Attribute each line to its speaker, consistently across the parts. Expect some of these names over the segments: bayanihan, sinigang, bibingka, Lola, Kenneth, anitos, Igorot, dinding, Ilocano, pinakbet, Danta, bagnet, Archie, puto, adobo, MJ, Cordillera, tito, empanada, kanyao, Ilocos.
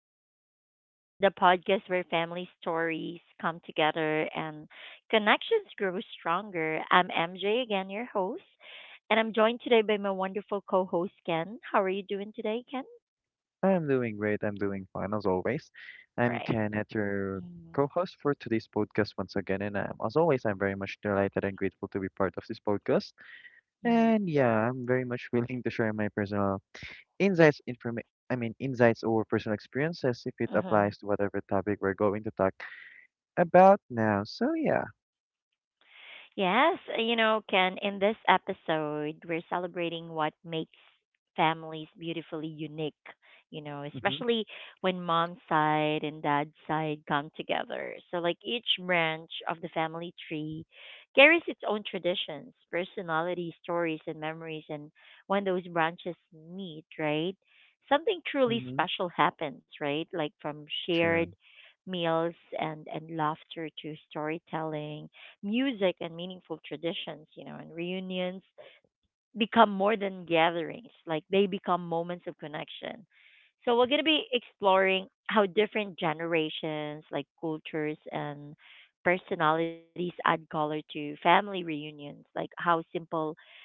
Speaker 1: our podcast, the podcast where family stories come together and connections grow stronger. I'm MJ, again, your host, and I'm joined today by my wonderful co host, Ken. How are you doing today, Ken?
Speaker 2: Hi, I'm doing great. I'm doing fine as always. I'm
Speaker 1: Right.
Speaker 2: Kenneth, your co-host for today's podcast once again, and as always, I'm very much delighted and grateful to be part of this podcast. And yeah, I'm very much willing to share my personal insights, inform I mean insights or personal experiences if it
Speaker 1: Mm-hmm.
Speaker 2: applies to whatever topic we're going to talk about now. So yeah,
Speaker 1: Yes, Ken, in this episode, we're celebrating what makes families beautifully unique,
Speaker 2: mm-hmm,
Speaker 1: especially when mom's side and dad's side come together. So, like, each branch of the family tree carries its own traditions, personality, stories, and memories. And when those branches meet, right, something truly
Speaker 2: mm-hmm,
Speaker 1: special happens, right? Like, from shared
Speaker 2: sure,
Speaker 1: meals and laughter to storytelling music and meaningful traditions, and reunions become more than gatherings. Like they become moments of connection. So we're going to be exploring how different generations, like cultures and personalities add color to family reunions, like how simple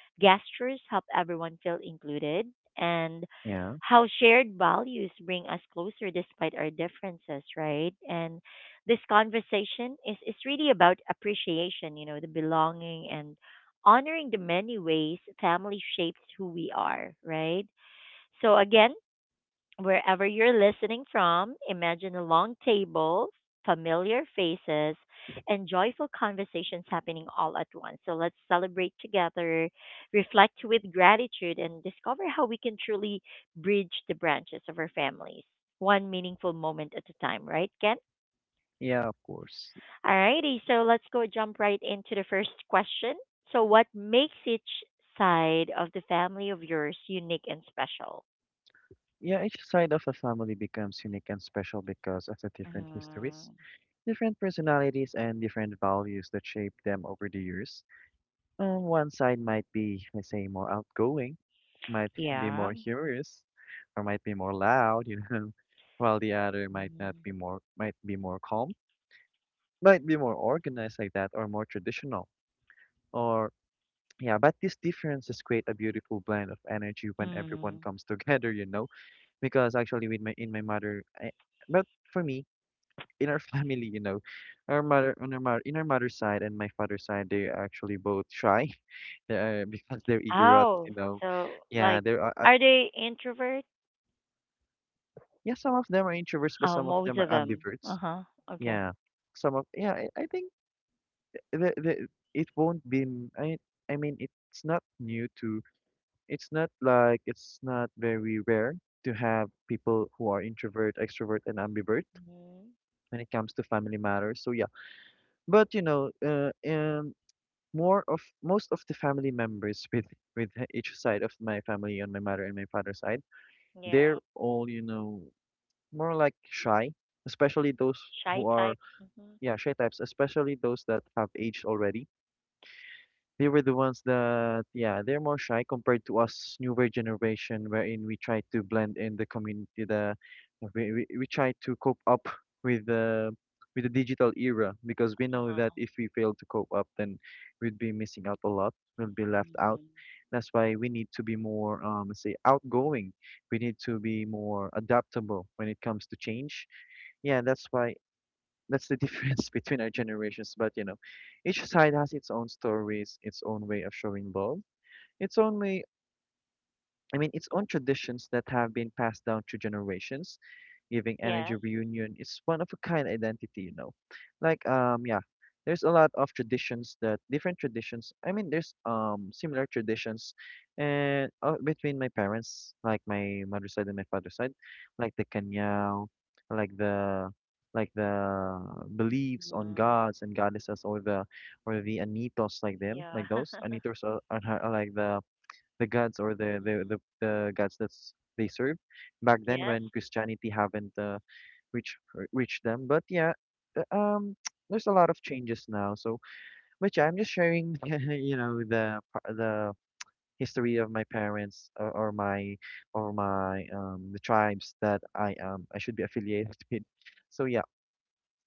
Speaker 1: gestures help everyone feel included and
Speaker 2: yeah,
Speaker 1: how shared values bring us closer despite our differences, right? And this conversation is really about appreciation, the belonging and honoring the many ways family shapes who we are, right? So, again, wherever you're listening from, imagine a long table, familiar faces, and joyful conversations happening all at once. So let's celebrate together, reflect with gratitude, and discover how we can truly bridge the branches of our families, one meaningful moment at a time, right, Ken?
Speaker 2: yeah, of course.
Speaker 1: Alrighty, so let's go jump right into the first question. So, what makes each side of the family of yours unique and special?
Speaker 2: Yeah, each side of a family becomes unique and special because of the different histories,
Speaker 1: Mm,
Speaker 2: different personalities, and different values that shaped them over the years. One side might be, let's say, more outgoing, might be
Speaker 1: yeah.
Speaker 2: more humorous, or might be more loud, you know, while the other might not be more, might be more calm, might be more organized like that, or more traditional, or yeah. But these differences create a beautiful blend of energy when everyone
Speaker 1: Mm.
Speaker 2: comes together, you know, because actually with my in my mother, I, but for me in our family, you know, our mother on our mother, in our mother's side and my father's side, they are actually both shy. They are because they're egrets,
Speaker 1: Oh,
Speaker 2: you know.
Speaker 1: so
Speaker 2: Yeah,
Speaker 1: like,
Speaker 2: there are.
Speaker 1: are they introvert?
Speaker 2: Yeah, some of them are introverts, but
Speaker 1: Oh,
Speaker 2: some of
Speaker 1: most
Speaker 2: them are
Speaker 1: of them. Uh
Speaker 2: ambiverts.
Speaker 1: huh. Okay.
Speaker 2: Yeah, some of yeah. I think the it won't be. N- I mean, it's not new to. It's not like it's not very rare to have people who are introvert, extrovert, and ambivert
Speaker 1: Hmm.
Speaker 2: when it comes to family matters. So yeah, but you know, and. More of most of the family members with with each side of my family on my mother and my father's side,
Speaker 1: Yeah.
Speaker 2: they're all, you know, more like shy, especially those who
Speaker 1: Shy
Speaker 2: are,
Speaker 1: type. Mm-hmm.
Speaker 2: yeah, shy types, especially those that have aged already. They were the ones that, yeah, they're more shy compared to us newer generation, wherein we try to blend in the community. We try to cope up with the with the digital era because we
Speaker 1: Uh
Speaker 2: know that
Speaker 1: huh.
Speaker 2: if we fail to cope up, then we'd be missing out a lot. We'll be left out.
Speaker 1: Hmm.
Speaker 2: That's why we need to be more, let's say, outgoing. We need to be more adaptable when it comes to change. Yeah, that's the difference between our generations. But you know, each side has its own stories, its own way of showing love, its own way. I mean, its own traditions that have been passed down through generations, giving energy
Speaker 1: Yes.
Speaker 2: reunion is one of a kind identity, you know. Like um yeah, there's a lot of traditions that different traditions. I mean, there's similar traditions, and between my parents, like my mother's side and my father's side, like the kanyao, like the like the beliefs on
Speaker 1: Hmm.
Speaker 2: gods and goddesses, or the anitos, like them,
Speaker 1: Yeah.
Speaker 2: like those anitos are, are like the gods, or
Speaker 1: Hmm.
Speaker 2: the gods that they serve back then
Speaker 1: Yes.
Speaker 2: when Christianity haven't reached them. But yeah, uh, um, there's a lot of changes now. So, but yeah, I'm just sharing, you know, the history of my parents, or my the tribes that I should be affiliated with. So yeah,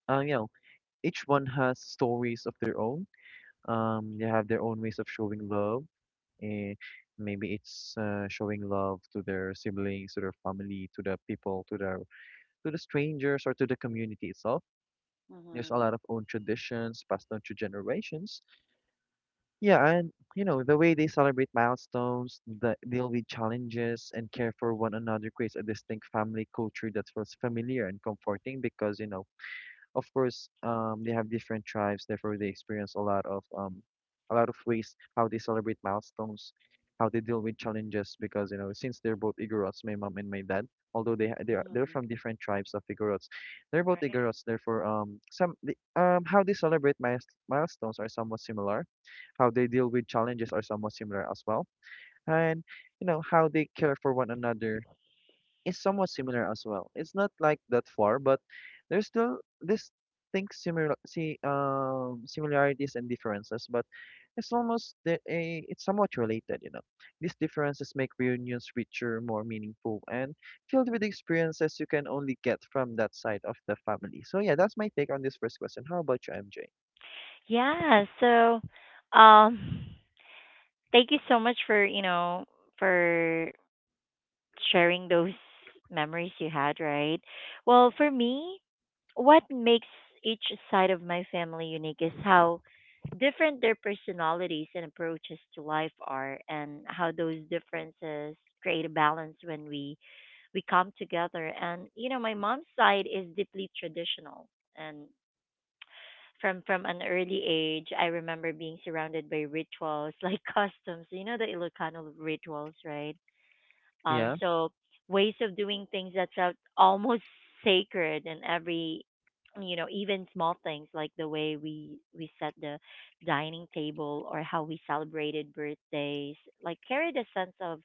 Speaker 2: you know, each one has stories of their own. They have their own ways of showing love, eh, maybe it's showing love to their siblings, to their family, to the people, to the strangers, or to the community itself. There's a
Speaker 1: Hmm.
Speaker 2: lot of own traditions passed down through generations. Yeah, and you know, the way they celebrate milestones, deal with challenges, and care for one another creates a distinct family culture that feels familiar and comforting, because you know, of course, they have different tribes, therefore they experience a lot of ways how they celebrate milestones, how they deal with challenges. Because you know, since they're both Igorots, my mom and my dad, although they are they're
Speaker 1: Hmm.
Speaker 2: from different tribes of Igorots, they're both
Speaker 1: Right.
Speaker 2: Igorots. Therefore, how they celebrate milestones are somewhat similar. How they deal with challenges are somewhat similar as well, and you know how they care for one another is somewhat similar as well. It's not like that far, but there's still this thing similar see similarities and differences, but it's somewhat related, you know. These differences make reunions richer, more meaningful, and filled with experiences you can only get from that side of the family. So yeah, that's my take on this first question. How about you, MJ?
Speaker 1: Yeah. So, um, thank you so much for for sharing those memories you had, right? Well, for me, what makes each side of my family unique is how different their personalities and approaches to life are and how those differences create a balance when we come together. And you know my mom's side is deeply traditional, and from an early age I remember being surrounded by rituals like customs, you know, the Ilocano rituals, right? um,
Speaker 2: Yeah,
Speaker 1: so ways of doing things that felt almost sacred in every, you know, even small things like the way we set the dining table or how we celebrated birthdays, like carried a sense of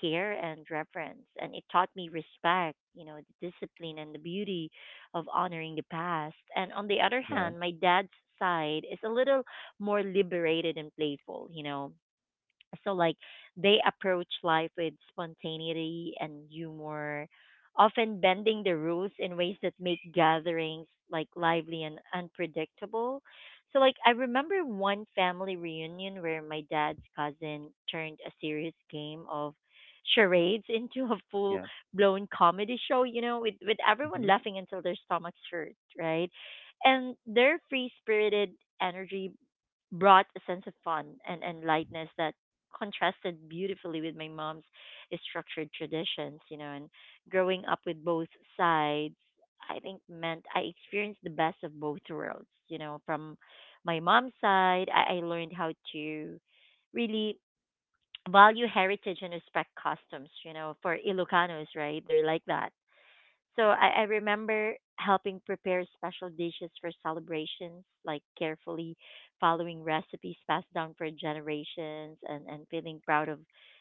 Speaker 1: care and reverence, and it taught me respect, you know, the discipline and the beauty of honoring the past. And on the other
Speaker 2: yeah,
Speaker 1: hand, my dad's side is a little more liberated and playful, you know, so like they approach life with spontaneity and humor, often bending the rules in ways that make gatherings like lively and unpredictable. So like I remember one family reunion where my dad's cousin turned a serious game of charades into a full
Speaker 2: yeah.
Speaker 1: blown comedy show, you know, with everyone
Speaker 2: Mm-hmm.
Speaker 1: laughing until their stomachs hurt, right? And their free spirited energy brought a sense of fun and lightness that contrasted beautifully with my mom's structured traditions, you know. And growing up with both sides, I think meant I experienced the best of both worlds, you know. From my mom's side, I learned how to really value heritage and respect customs, you know, for Ilocanos, right? They're like that. So I remember helping prepare special dishes for celebrations, like carefully following recipes passed down for generations, and feeling proud of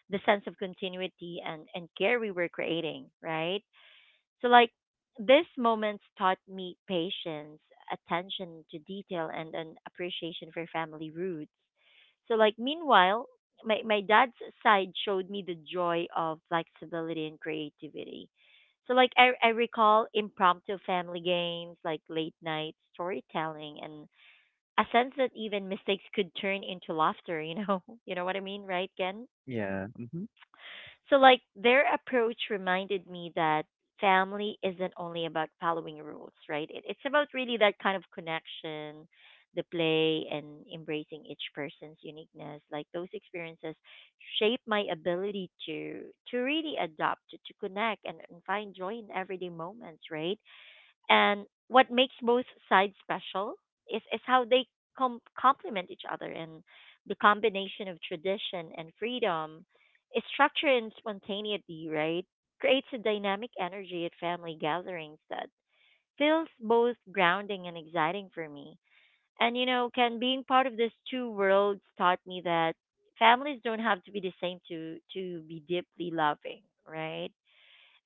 Speaker 1: the sense of continuity and care we were creating, right? So like these moments taught me patience, attention to detail, and an appreciation for family roots. So like meanwhile, my dad's side showed me the joy of flexibility and creativity. So like I recall impromptu family games, like late night storytelling, and a sense that even mistakes could turn into laughter, you know? You know what I mean, right, Ken?
Speaker 2: Yeah. Mm-hmm.
Speaker 1: So, like, their approach reminded me that family isn't only about following rules, right? It's about really that kind of connection, the play, and embracing each person's uniqueness. Like, those experiences shape my ability to really adapt, to connect, and find joy in everyday moments, right? And what makes both sides special is how they complement each other, and the combination of tradition and freedom, structure and spontaneity, right? Creates a dynamic energy at family gatherings that feels both grounding and exciting for me. And you know, Ken, being part of these two worlds taught me that families don't have to be the same to be deeply loving, right?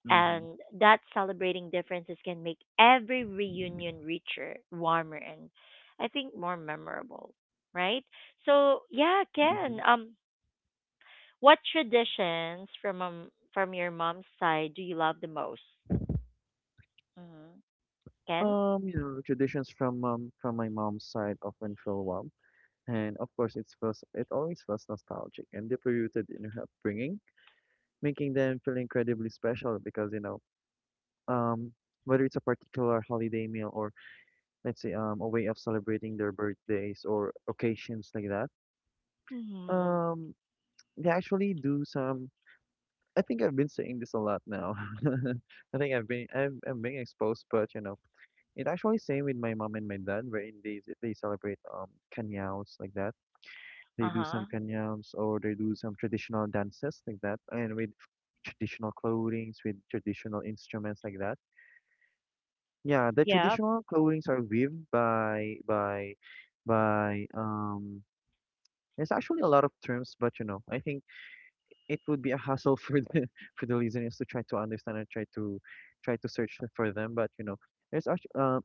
Speaker 2: Mm-hmm.
Speaker 1: And that celebrating differences can make every reunion richer, warmer, and I think more memorable, right? So yeah,
Speaker 2: Mm-hmm.
Speaker 1: Ken. What traditions from your mom's side do you love the most? Mm-hmm. Ken.
Speaker 2: You know, traditions from my mom's side often feel warm, and of course, it always feels nostalgic and deeply rooted in her upbringing, making them feel incredibly special, because you know, um, whether it's a particular holiday meal or let's say a way of celebrating their birthdays or occasions like that,
Speaker 1: Mm-hmm.
Speaker 2: um, they actually do some. I think I've been saying this a lot now. I think I'm being exposed, but you know, it actually same with my mom and my dad, wherein they celebrate canyaos like that. They
Speaker 1: Uh
Speaker 2: do some
Speaker 1: huh.
Speaker 2: kanyams, or they do some traditional dances like that, and with traditional clothings, with traditional instruments like that. Yeah, the
Speaker 1: Yep.
Speaker 2: traditional clothings are weaved by by um. there's actually a lot of terms, but you know, I think it would be a hassle for the for the listeners to try to understand and try to search for them. But you know, there's actually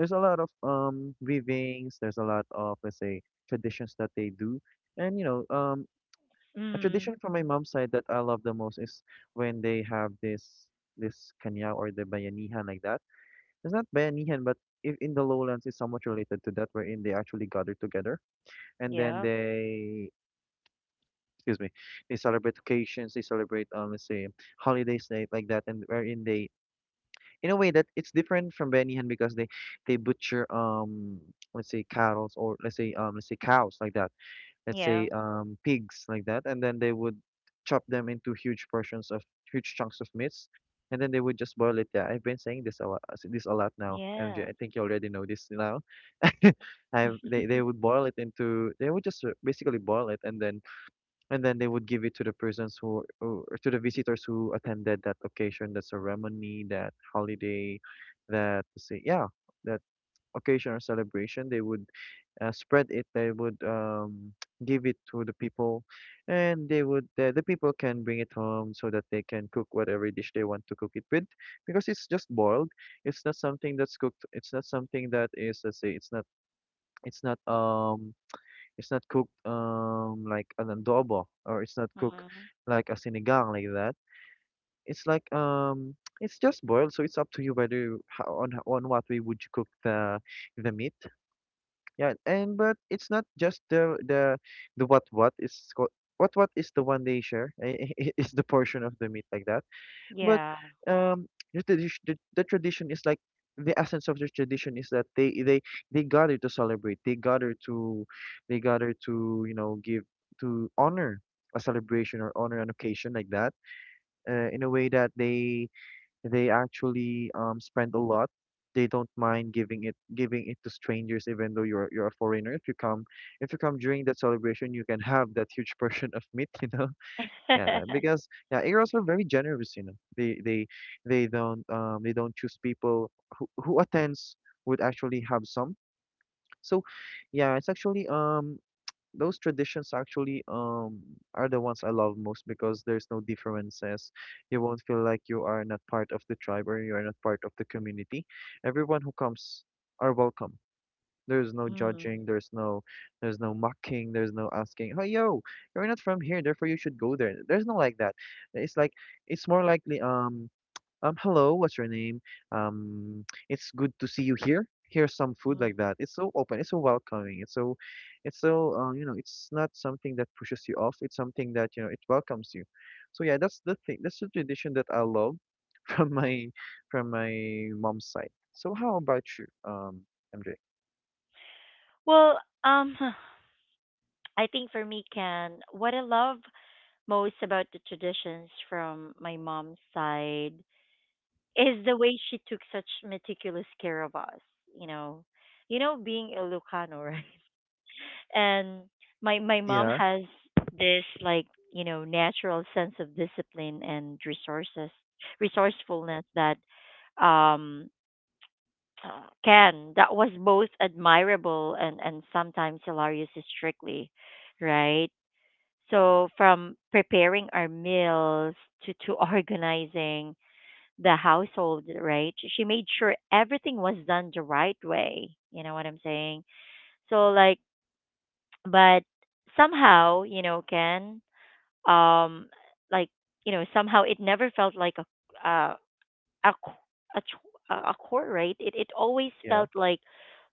Speaker 2: there's a lot of weavings. There's a lot of, let's say, traditions that they do, and you know, a
Speaker 1: Mm.
Speaker 2: tradition from my mom's side that I love the most is when they have this kanya, or the bayanihan like that. It's not bayanihan, but if in the lowlands is somewhat related to that, wherein they actually gather together, and then
Speaker 1: Yep.
Speaker 2: they excuse me, they celebrate occasions, they celebrate, let's say, holidays like that, and wherein they in a way that it's different from bayanihan because they butcher, let's say, cattle, or let's say, let's say, cows like that, let's
Speaker 1: Yeah.
Speaker 2: say, pigs like that, and then they would chop them into huge chunks of meats, and then they would just boil it. Yeah, I've been saying this this a lot now, MJ.
Speaker 1: Yes.
Speaker 2: I think you already know this now. I've, they would boil it into they would just basically boil it, and then they would give it to the persons who or to the visitors who attended that occasion, that ceremony, that holiday, that say yeah, that occasion or celebration. They would spread it, they would give it to the people, and the people can bring it home so that they can cook whatever dish they want to cook it with, because it's just boiled. It's not something that's cooked. It's not something that is, let's say, it's not um it's not cooked like an adobo, or it's not cooked
Speaker 1: Mm-hmm.
Speaker 2: like a sinigang like that. It's like It's just boiled, so it's up to you whether how, on what way would you cook the meat. Yeah, and but it's not just the what is called what is the one they share is the portion of the meat like that. But
Speaker 1: Yeah.
Speaker 2: um, the tradition is like the essence of the tradition is that they gather to celebrate. They gather to you know, give to honor a celebration or honor an occasion like that. In a way that they actually, spend a lot. They don't mind giving it to strangers, even though you're a foreigner. If you come, if you come during that celebration, you can have that huge portion of meat, you know. Yeah, because yeah, Eros are very generous, you know. They don't they don't choose people who attends would actually have some. So yeah, it's actually those traditions actually are the ones I love most because there's no differences. You won't feel like you are not part of the tribe or you are not part of the community. Everyone who comes are welcome. There's no
Speaker 1: Mm-hmm.
Speaker 2: judging, there's no, there's no mocking, there's no asking, "Oh yo, you're not from here, therefore you should go there." There's no like that. It's like it's more likely hello, what's your name? Um, it's good to see you here. Here's some food like that. It's so open, it's so welcoming, it's so, it's not something that pushes you off. It's something that, it welcomes you. So yeah, that's the thing. That's the tradition that I love from my, from my mom's side. So how about you, MJ?
Speaker 1: Well, I think for me, Ken, what I love most about the traditions from my mom's side is the way she took such meticulous care of us. You know, you know, being Ilocano, right? And my mom
Speaker 2: Yeah,
Speaker 1: has this like you know natural sense of discipline and resources resourcefulness that um Ken, that was both admirable and sometimes hilarious strictly, right? So from preparing our meals to organizing the household, right? She made sure everything was done the right way. You know what I'm saying? So like but somehow, you know, Ken, um like, you know, somehow it never felt like a uh, a c- a ch- a chore, right? It always
Speaker 2: yeah,
Speaker 1: felt like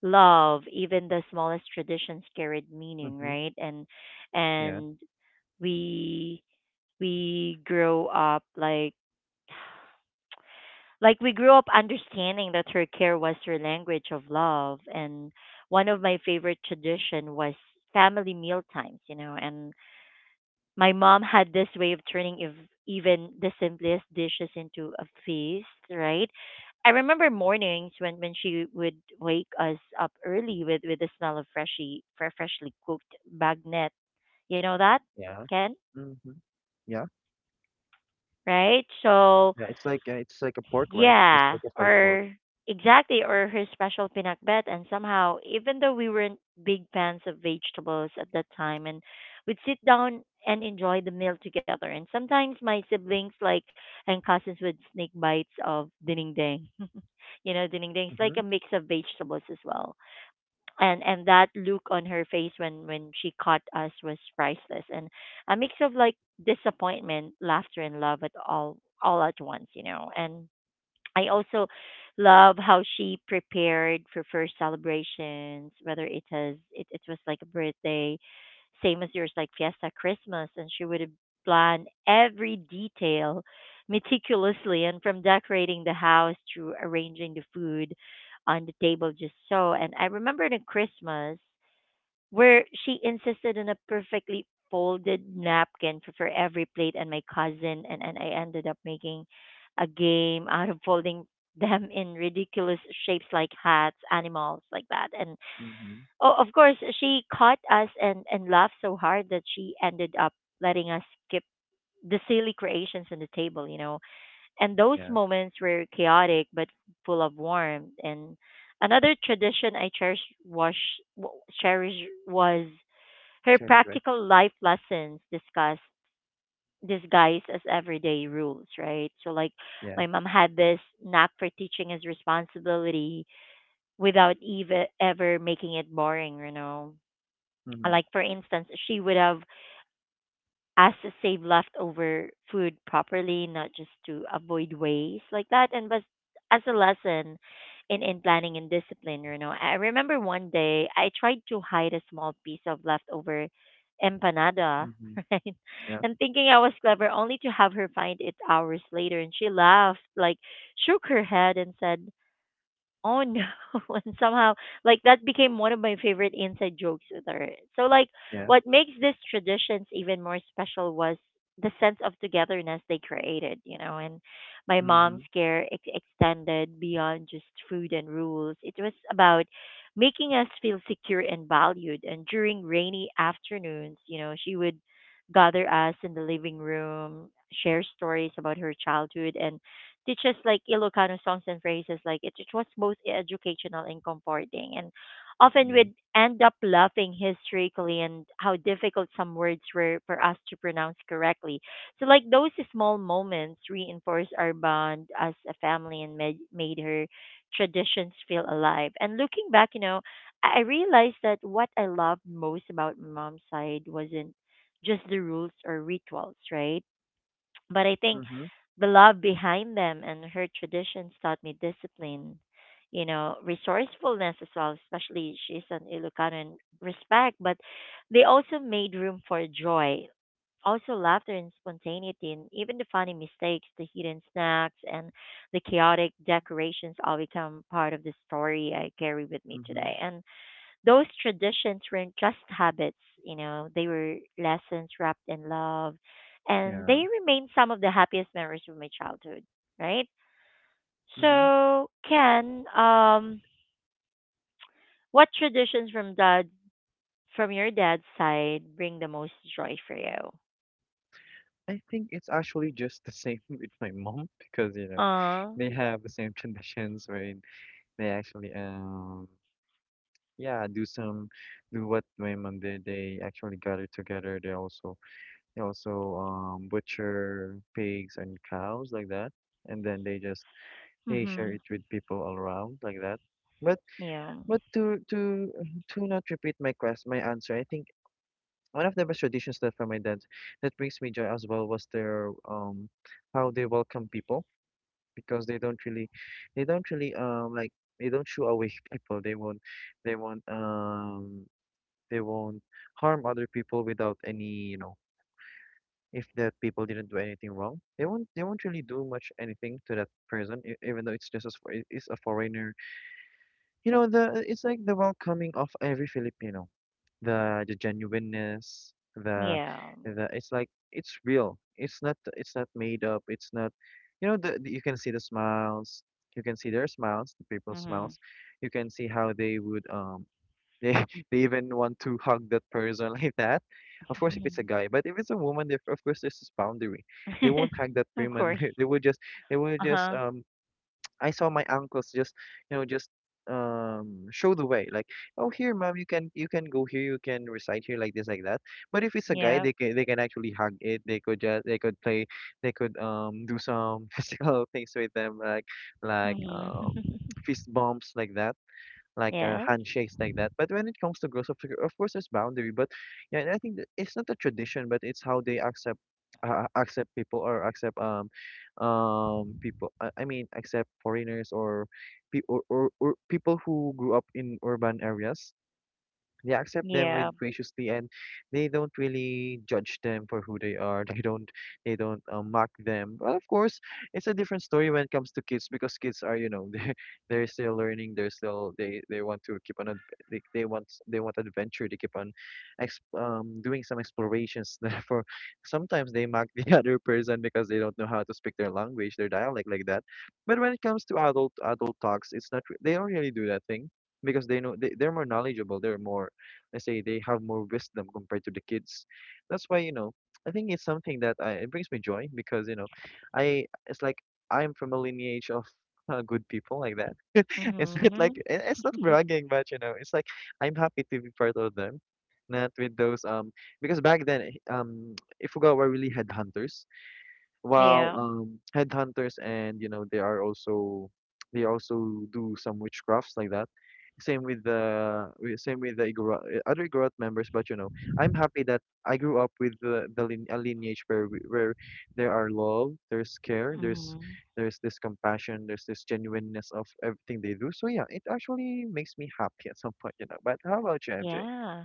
Speaker 1: love, even the smallest traditions carried meaning,
Speaker 2: mm-hmm,
Speaker 1: right?
Speaker 2: yeah,
Speaker 1: And we we grow up like we grew up understanding that her care was her language of love. And one of my favorite tradition was family meal times, you know. And my mom had this way of turning even the simplest dishes into a feast, right? I remember mornings when she would wake us up early with the smell of freshly freshly cooked bagnet, you know that,
Speaker 2: yeah,
Speaker 1: Ken,
Speaker 2: mm-hmm, yeah.
Speaker 1: right? So
Speaker 2: Yeah, it's like a pork, right? It's
Speaker 1: yeah,
Speaker 2: like a fried pork.
Speaker 1: or exactly, or her special pinakbet. And somehow, even though we weren't big fans of vegetables at that time, and we'd sit down and enjoy the meal together. And sometimes my siblings, like and cousins, would sneak bites of dinding. You know, dinding is like a
Speaker 2: Mm-hmm,
Speaker 1: mix of vegetables as well. And that look on her face when she caught us was priceless. And a mix of like disappointment, laughter, and love at all at once. You know, and I also love how she prepared for first celebrations, whether it it was like a birthday, same as yours, like fiesta, Christmas, and she would have planned every detail meticulously, and from decorating the house to arranging the food on the table, just so. And I remember the Christmas where she insisted on a perfectly folded napkin for every plate, and my cousin and I ended up making a game out of folding them in ridiculous shapes like hats, animals like that. And
Speaker 2: mm-hmm.
Speaker 1: oh of course she caught us and laughed so hard that she ended up letting us skip the silly creations on the table, you know. And those
Speaker 2: Yeah,
Speaker 1: moments were chaotic but full of warmth. And another tradition I was cherish was her
Speaker 2: sure, sure.
Speaker 1: practical life lessons discuss disguised as everyday rules, right? So like
Speaker 2: Yeah.
Speaker 1: my mom had this knack for teaching as responsibility without even ever making it boring, you know.
Speaker 2: Mhm,
Speaker 1: Like for instance, she would have as to save leftover food properly, not just to avoid waste like that. And but as a lesson in planning and discipline, you know, I remember one day I tried to hide a small piece of leftover empanada,
Speaker 2: mhm.
Speaker 1: right?
Speaker 2: Yeah,
Speaker 1: And thinking I was clever, only to have her find it hours later. And she laughed, like shook her head and said, "Oh no." And somehow like that became one of my favorite inside jokes with her. So like
Speaker 2: yeah.
Speaker 1: what makes these traditions even more special was the sense of togetherness they created, you know. And my mom's
Speaker 2: Mhm,
Speaker 1: care extended beyond just food and rules. It was about making us feel secure and valued. And during rainy afternoons, you know, she would gather us in the living room, share stories about her childhood and teaches like Ilocano songs and phrases. Like it was both educational and comforting, and often
Speaker 2: yeah.
Speaker 1: we'd end up laughing hysterically and how difficult some words were for us to pronounce correctly. So like those small moments reinforced our bond as a family and made made her traditions feel alive. And looking back, you know, I realized that what I loved most about my mom's side wasn't just the rules or rituals, right? But I think
Speaker 2: Mhm,
Speaker 1: the love behind them and her traditions taught me discipline, resourcefulness as well, especially she's an Ilocano and respect, but they also made room for joy, also laughter and spontaneity, and even the funny mistakes, the hidden snacks, and the chaotic decorations all become part of the story I carry with me
Speaker 2: mhm.
Speaker 1: today. And those traditions weren't just habits, they were lessons wrapped in love, and
Speaker 2: Yeah,
Speaker 1: they remain some of the happiest memories of my childhood, right?
Speaker 2: mhm.
Speaker 1: So, Ken, what traditions from dad from your dad's side bring the most joy for you?
Speaker 2: I think it's actually just the same with my mom because, you know,
Speaker 1: Uh,
Speaker 2: they have the same traditions wherein they actually, yeah, do some, do what my mom did. They actually gather together. They also butcher pigs and cows like that, and then they just they share
Speaker 1: mhm,
Speaker 2: it with people all around like that. But
Speaker 1: yeah,
Speaker 2: but to not repeat my my answer, I think one of the best traditions that from my dad that brings me joy as well was their how they welcome people because they don't really, they don't shoo away people. They won't they won't um they won't harm other people without any, you know, if that people didn't do anything wrong. They won't really do much anything to that person, even though it's just as it's a foreigner. You know, the it's like the welcoming of every Filipino, the genuineness, the
Speaker 1: yeah,
Speaker 2: it's like it's real. It's not made up. It's not, you know, you can see the smiles. You can see their smiles, the people's
Speaker 1: mhm,
Speaker 2: smiles. You can see how they would they they even want to hug that person like that. Of course, if it's a
Speaker 1: mhm.
Speaker 2: guy, but if it's a woman, they, of course, there's this boundary. They won't hug that
Speaker 1: Of
Speaker 2: woman.
Speaker 1: course,
Speaker 2: They would just they would
Speaker 1: uh
Speaker 2: just
Speaker 1: huh,
Speaker 2: um I saw my uncles just, you know, just show the way like, "Oh, here, mom, you can go here, you can recite here like this," like that. But if it's a guy,
Speaker 1: yeah,
Speaker 2: they can actually hug it. They could just they could play. They could do some physical things with them, like like
Speaker 1: mhm,
Speaker 2: um fist bumps like that, like
Speaker 1: yes,
Speaker 2: handshakes like that. But when it comes to girls, of course, there's boundary. But yeah, and I think that it's not a tradition, but it's how they accept, accept people, or accept people. I mean, accept foreigners, or or people who grew up in urban areas. They accept them
Speaker 1: yeah,
Speaker 2: with graciously, and they don't really judge them for who they are. They don't mock them. Well, of course, it's a different story when it comes to kids, because kids are, you know, they're still learning, they want to keep on they want adventure. They keep on ex doing some explorations, therefore sometimes they mock the other person because they don't know how to speak their language, their dialect, like that. But when it comes to adult adult talks, it's not re- they don't really do that thing, because they know they're more knowledgeable, they're more, let's say, they have more wisdom compared to the kids. That's why, you know, I think it's something that it brings me joy because, you know, I, it's like I'm from a lineage of, good people like that. It's not like
Speaker 1: mhm,
Speaker 2: it's not bragging, but you know, it's like I'm happy to be part of them. Not with those because back then, if we go, we really had hunters. While
Speaker 1: yeah.
Speaker 2: headhunters, and you know, they are also they also do some witchcrafts like that. Same with the Igorot, other Igorot members, but you know, I'm happy that I grew up with a lineage where there are love, there's care, there's
Speaker 1: Hmm.
Speaker 2: this compassion, there's this genuineness of everything they do. So yeah, it actually makes me happy at some point, you know. But how about you, MJ?
Speaker 1: Yeah.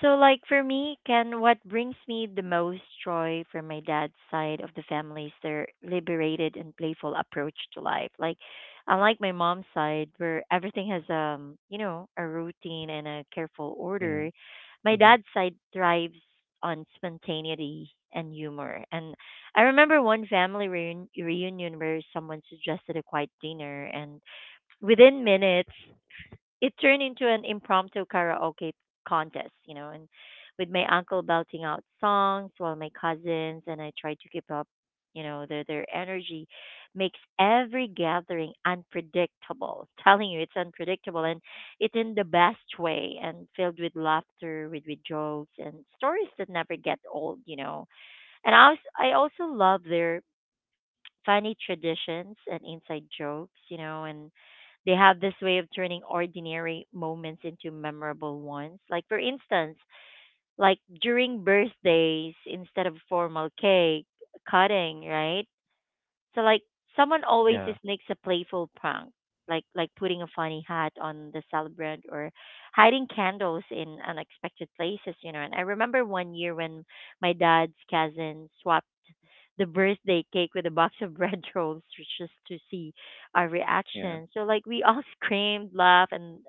Speaker 1: So, like for me, Ken, what brings me the most joy from my dad's side of the family is their liberated and playful approach to life. Like, unlike my mom's side, where everything has you know, a routine and a careful
Speaker 2: Yeah.
Speaker 1: order, my
Speaker 2: Mm-hmm.
Speaker 1: dad's side thrives on spontaneity and humor. And I remember one family reunion where someone suggested a quiet dinner, and within minutes, it turned into an impromptu karaoke contest, you know, and with my uncle belting out songs while my cousins and I tried to keep up, you know, their energy makes every gathering unpredictable. Telling you it's unpredictable and it's in the best way and filled with laughter, with jokes and stories that never get old, you know. And I also love their funny traditions and inside jokes, you know, and they have this way of turning ordinary moments into memorable ones. Like for instance, like during birthdays, instead of formal cake cutting, right? So like someone always
Speaker 2: Yeah.
Speaker 1: sneaks a playful prank, like putting a funny hat on the celebrant or hiding candles in unexpected places, you know. And I remember one year when my dad's cousin swapped the birthday cake with a box of bread rolls just to see our
Speaker 2: Yeah.
Speaker 1: reaction. So like we all screamed, laughed, and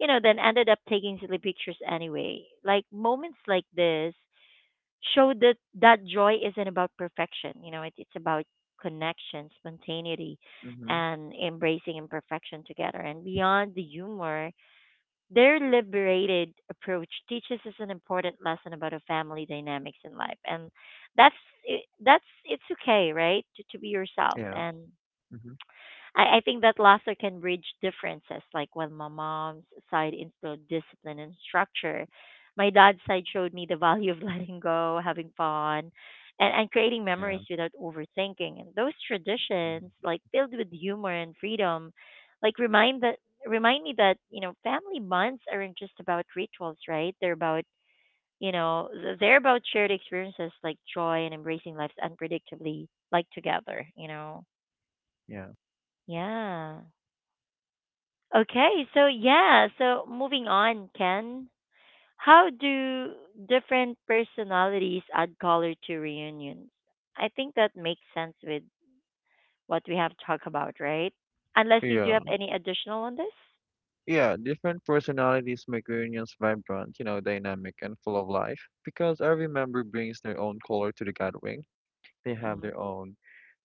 Speaker 1: you know then ended up taking silly pictures anyway. Like moments like this show that joy isn't about perfection. It's about connection, spontaneity,
Speaker 2: Mm-hmm.
Speaker 1: and embracing imperfection together. And beyond the humor, their liberated approach teaches us an important lesson about our family dynamics in life, and that's that's it's okay, right, to, be yourself.
Speaker 2: Yeah.
Speaker 1: And
Speaker 2: Mm-hmm.
Speaker 1: I think that laughter can bridge differences. Like when my mom's side instilled discipline and structure, my dad's side showed me the value of letting go, having fun, and creating
Speaker 2: Yeah.
Speaker 1: memories without overthinking. And those
Speaker 2: Mhm.
Speaker 1: traditions, like filled with humor and freedom, like remind me that you know family bonds aren't just about rituals, right? They're about they're about shared experiences like joy and embracing life's unpredictably, like together. You know,
Speaker 2: Yeah.
Speaker 1: yeah. Okay, so yeah, so moving on, Ken. How do different personalities add color to reunions? I think that makes sense with what we have talked about, right? Unless you do have
Speaker 2: Yeah.
Speaker 1: any additional on this?
Speaker 2: Yeah, different personalities make reunions vibrant, you know, dynamic and full of life, because every member brings their own color to the gathering. They have
Speaker 1: Mm-hmm.
Speaker 2: their own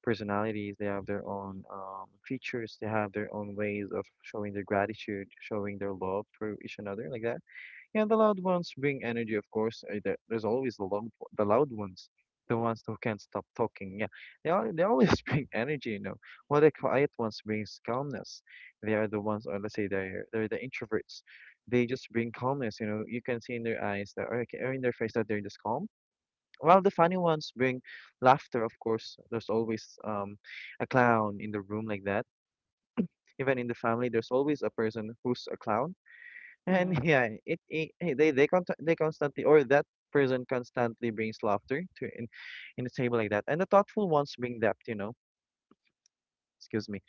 Speaker 2: personalities, they have their own, features, they have their own ways of showing their gratitude, showing their love for each another, like that. Yeah, the loud ones bring energy, of course. There's always the long, the loud ones, the ones who can't stop talking. Yeah, they are, they always bring energy, you know. While the quiet ones brings calmness. They are the ones, or let's say they're the introverts. They just bring calmness, you know. You can see in their eyes that, or in their face that they're just calm. While the funny ones bring laughter, of course. There's always a clown in the room like that. Even in the family, there's always a person who's a clown, and
Speaker 1: Mm-hmm.
Speaker 2: yeah, it eh, they con they constantly, or that person constantly brings laughter to in a table like that. And the thoughtful ones bring depth, you know. Excuse me.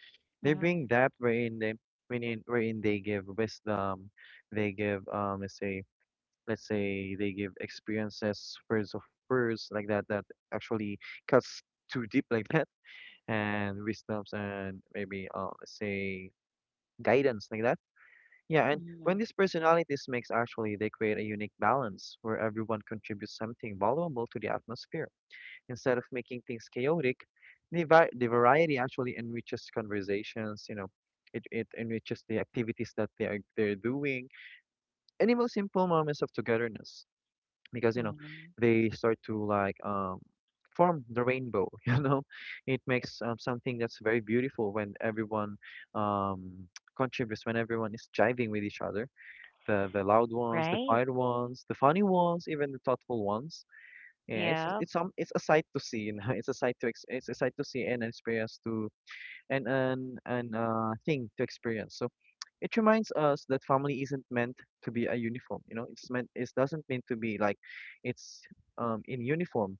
Speaker 2: They bring depth wherein they wherein wherein they give wisdom, they give, let's say, they give experiences, words like that that actually cuts too deep like that, and wisdoms, and maybe, let's say, guidance like that. Yeah, and
Speaker 1: Mm-hmm.
Speaker 2: when
Speaker 1: Mm-hmm.
Speaker 2: these personalities mix, actually, they create a unique balance where everyone contributes something valuable to the atmosphere. Instead of making things chaotic, the variety actually enriches conversations, you know, it enriches the activities that they're doing, even simple moments of togetherness, because, you know,
Speaker 1: Mm-hmm.
Speaker 2: they start to like, form the rainbow, you know, it makes, something that's very beautiful when everyone, um, contributes, when everyone is jiving with each other, the loud ones, the
Speaker 1: Right?
Speaker 2: quiet ones, the funny ones, even the thoughtful ones. Yeah, it's
Speaker 1: Yeah.
Speaker 2: it's um it's a sight to see, you know. It's a sight to see, and an experience to and an thing to experience. So it reminds us that family isn't meant to be a uniform. You know, it doesn't mean to be like it's in uniform.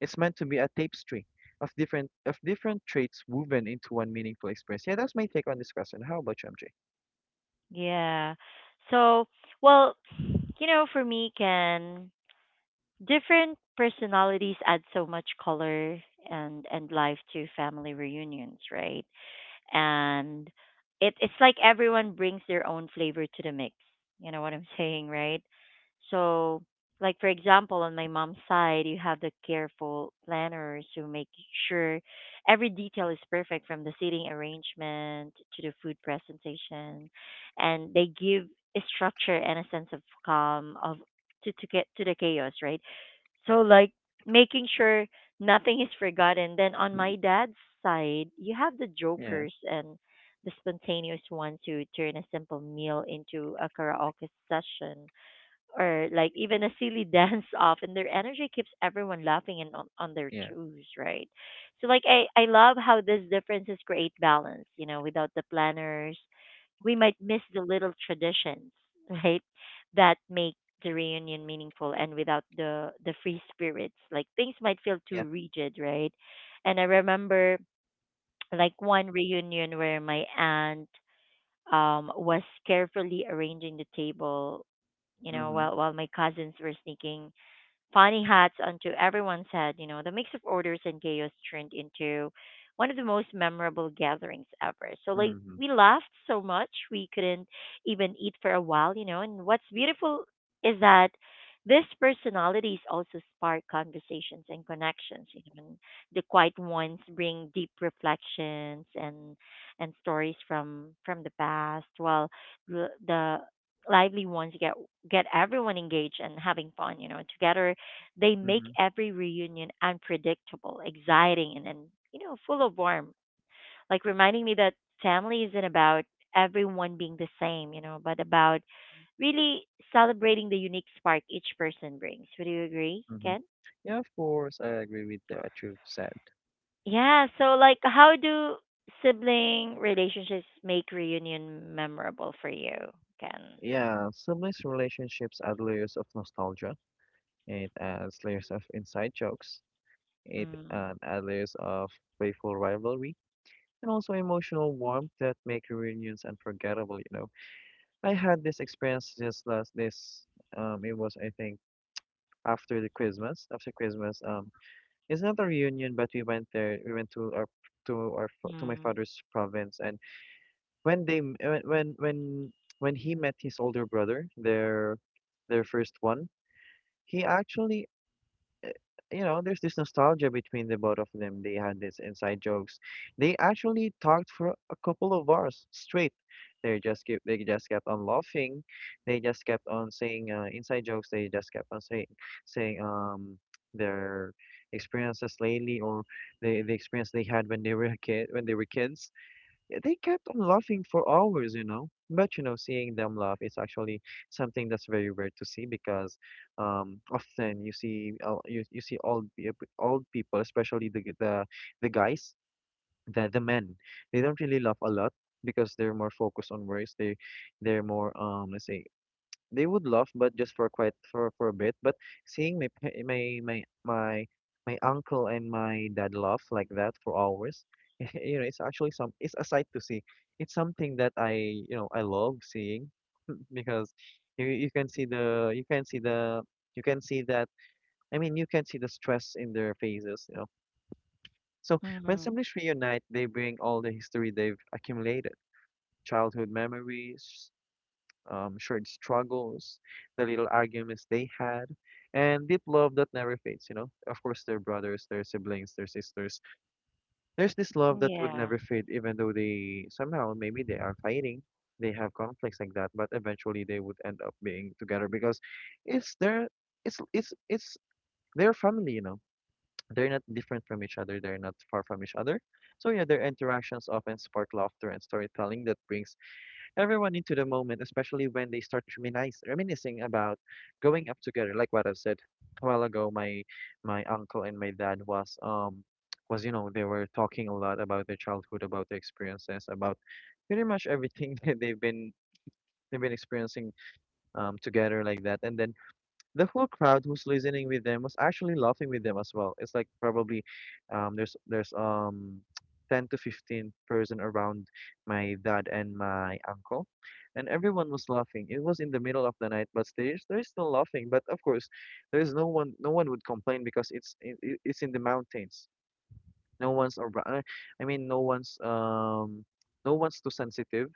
Speaker 2: It's meant to be a tapestry of different traits woven into one meaningful experience. Yeah, that's my take on this question. How about you, MJ?
Speaker 1: Yeah. So, well, you know, for me, Ken, different personalities add so much color and life to family reunions, right? And it's like everyone brings their own flavor to the mix. You know what I'm saying, right? So, like for example, on my mom's side, you have the careful planners who make sure every detail is perfect from the seating arrangement to the food presentation, and they give a structure and a sense of calm of to get to the chaos, right? So like making sure nothing is forgotten. Then on my dad's side, you have the
Speaker 2: Yeah,
Speaker 1: jokers and the spontaneous ones who turn a simple meal into a karaoke session or like even a silly dance off, and their energy keeps everyone laughing and on, their
Speaker 2: yeah,
Speaker 1: toes, right? So like I love how these differences create balance, you know, without the planners, we might miss the little traditions, right? That make the reunion meaningful and without the free spirits, like things might feel
Speaker 2: yeah.
Speaker 1: too rigid, right? And I remember like one reunion where my aunt was carefully arranging the table, you know,
Speaker 2: Mm-hmm.
Speaker 1: while my cousins were sneaking funny hats onto everyone's head. You know, the mix of orders and chaos turned into one of the most memorable gatherings ever. So, like,
Speaker 2: Mm-hmm.
Speaker 1: we laughed so much we couldn't even eat for a while, you know. And what's beautiful is that these personalities also spark conversations and connections. You know, and the quiet ones bring deep reflections and stories from the past, while the lively ones get everyone engaged and having fun you know together, they make
Speaker 2: Mm-hmm.
Speaker 1: every reunion unpredictable, exciting, and you know, full of warmth. Like reminding me that family isn't about everyone being the same, you know, but about really celebrating the unique spark each person brings. Would you agree,
Speaker 2: Hmm.
Speaker 1: Ken?
Speaker 2: Yeah, of course, I agree with, what you've said.
Speaker 1: Yeah, so like how do sibling relationships make reunion memorable for you, Ken?
Speaker 2: Yeah, siblings' relationships add layers of nostalgia. It adds layers of inside jokes. It
Speaker 1: Mm,
Speaker 2: uh, adds layers of playful rivalry, and also emotional warmth that make reunions unforgettable, you know. I had this experience just last this it was, I think, after the Christmas, after Christmas. It's not a reunion, but we went there, we went to our to our to my
Speaker 1: mm,
Speaker 2: father's province. And when they m- when he met his older brother, their first one, he actually, you know, there's this nostalgia between the both of them. They had this inside jokes. They actually talked for a couple of hours straight. They just kept on laughing. They just kept on saying inside jokes. They just kept on saying their experiences lately, or the experience they had when they were a kid, when they were kids. Yeah, they kept on laughing for hours, you know. But you know, seeing them laugh is actually something that's very rare to see, because, often you see, you see old people, especially the guys, the men. They don't really laugh a lot, because they're more focused on works. They're more, let's say, they would laugh, but just for quite for a bit. But seeing my pa- my uncle and my dad laugh like that for hours, you know, it's actually some it's a sight to see. It's something that I, you know, I love seeing, because you can see the you can see the you can see that, I mean, you can see the stress in their faces, you know. So when
Speaker 1: mm,
Speaker 2: siblings reunite, they bring all the history they've accumulated, childhood memories, shared struggles, the little arguments they had, and deep love that never fades, you know? Of course, their brothers, their siblings, their sisters. There's this love that would
Speaker 1: yeah,
Speaker 2: never fade, even though they somehow, maybe they are fighting, they have conflicts like that, but eventually they would end up being together because it's their, it's their family, you know? They're not different from each other, they're not far from each other. So yeah, their interactions often spark laughter and storytelling that brings everyone into the moment, especially when they start reminiscing about growing up together. Like what I've said a while ago, my uncle and my dad was, you know, they were talking a lot about their childhood, about their experiences, about pretty much everything that they've been experiencing together like that. And then the whole crowd who's listening with them was actually laughing with them as well. It's like probably there's 10 to 15 person around my dad and my uncle, and everyone was laughing. It was in the middle of the night, but they're still laughing, but of course there's no one no one would complain because it's in the mountains. No one's around. I mean, no one's too sensitive,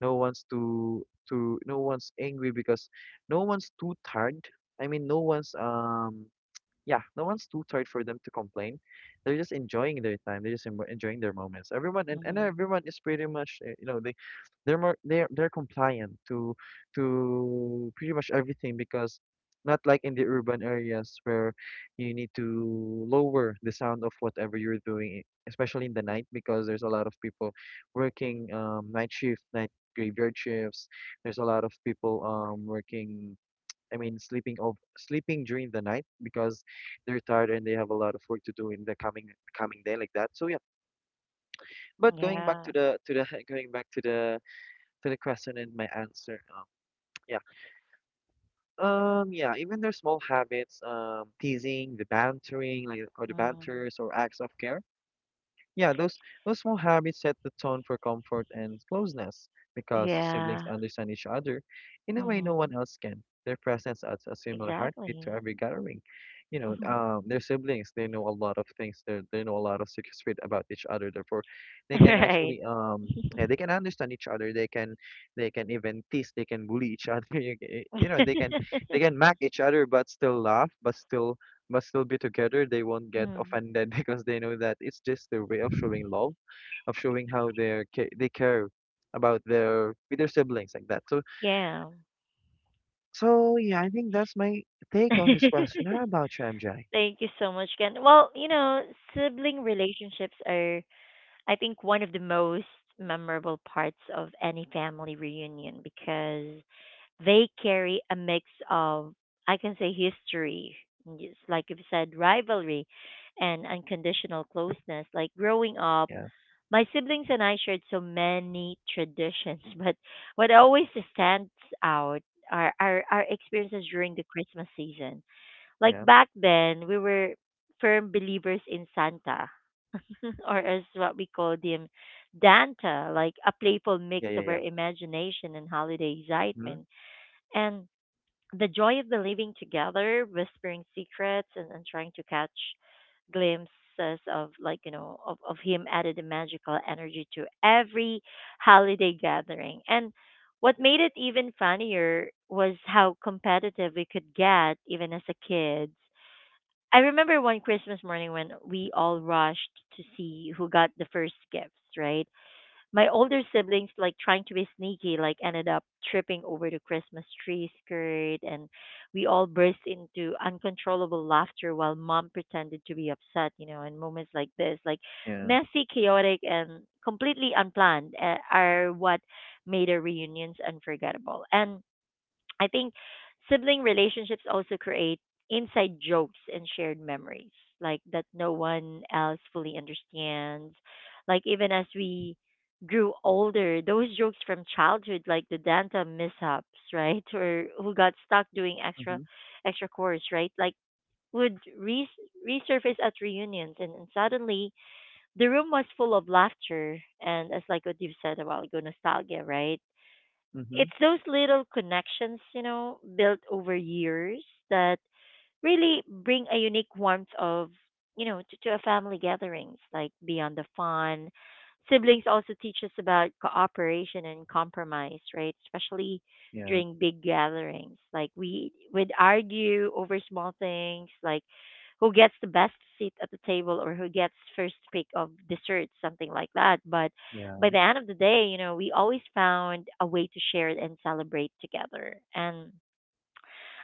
Speaker 2: no one's angry because no one's too tired. I mean, no one's too tired for them to complain. They're just enjoying their time. They're just enjoying their moments. And
Speaker 1: mm,
Speaker 2: everyone is pretty much you know, they they're more they're compliant to pretty much everything because not like in the urban areas where you need to lower the sound of whatever you're doing, especially in the night because there's a lot of people working night shift, night graveyard shifts. There's a lot of people working, I mean, sleeping of sleeping during the night because they're tired and they have a lot of work to do in the coming day like that. So yeah. But going back
Speaker 1: yeah,
Speaker 2: to the to the going back to the question and my answer. Yeah. Yeah, even their small habits, teasing, the bantering, like, or the
Speaker 1: mm,
Speaker 2: banters, or acts of care. Yeah, those small habits set the tone for comfort and closeness because siblings
Speaker 1: yeah,
Speaker 2: understand each other in a way no
Speaker 1: mm.
Speaker 2: one else can. Their presence adds a similar heartbeat to
Speaker 1: Exactly.
Speaker 2: every gathering. You know, they're siblings. They know a lot of things. They know a lot of secrets about each other. Therefore, they can
Speaker 1: Right.
Speaker 2: actually they can understand each other. They can even tease. They can bully each other. You know they can they can mock each other but still laugh, but still be together, they won't get
Speaker 1: Mm,
Speaker 2: offended because they know that it's just their way of showing love, of showing how they care about their with their siblings like that. So
Speaker 1: yeah.
Speaker 2: so yeah, I think that's my take on this question. How about you, MJ?
Speaker 1: Thank you so much, Ken. Well, you know, sibling relationships are, I think, one of the most memorable parts of any family reunion because they carry a mix of, I can say, history, just like you've said, rivalry, and unconditional closeness. Like growing up,
Speaker 2: Yeah,
Speaker 1: my siblings and I shared so many traditions, but what always stands out are our experiences during the Christmas season. Like
Speaker 2: yeah,
Speaker 1: back then, we were firm believers in Santa, or as what we called him, Danta, like a playful mix
Speaker 2: yeah, yeah,
Speaker 1: of our
Speaker 2: yeah.
Speaker 1: imagination and holiday
Speaker 2: Mm-hmm.
Speaker 1: excitement. And the joy of believing together, whispering secrets, and trying to catch glimpses of like you know of him added a magical energy to every holiday gathering. And what made it even funnier was how competitive we could get even as a kid. I remember one Christmas morning when we all rushed to see who got the first gifts, right? My older siblings, like trying to be sneaky, like ended up tripping over the Christmas tree skirt, and we all burst into uncontrollable laughter while mom pretended to be upset, you know. In moments like this, like
Speaker 2: Yeah.
Speaker 1: messy, chaotic, and completely unplanned, are what made our reunions unforgettable. And I think sibling relationships also create inside jokes and shared memories, like that no one else fully understands. Like even as we grew older, those jokes from childhood, like the Danta mishaps, right, or who got stuck doing extra,
Speaker 2: Mm-hmm.
Speaker 1: extra course, right, like would re- resurface at reunions, and suddenly the room was full of laughter and, as like what you've said a while ago, nostalgia, right?
Speaker 2: Mm-hmm.
Speaker 1: It's those little connections, you know, built over years that really bring a unique warmth of you know to a family gatherings. Like beyond the fun, siblings also teach us about cooperation and compromise, right, especially
Speaker 2: Yeah.
Speaker 1: during big gatherings. Like we would argue over small things like who gets the best seat at the table or who gets first pick of dessert, something like that, but by
Speaker 2: Yeah.
Speaker 1: the end of the day you know we always found a way to share and celebrate together. And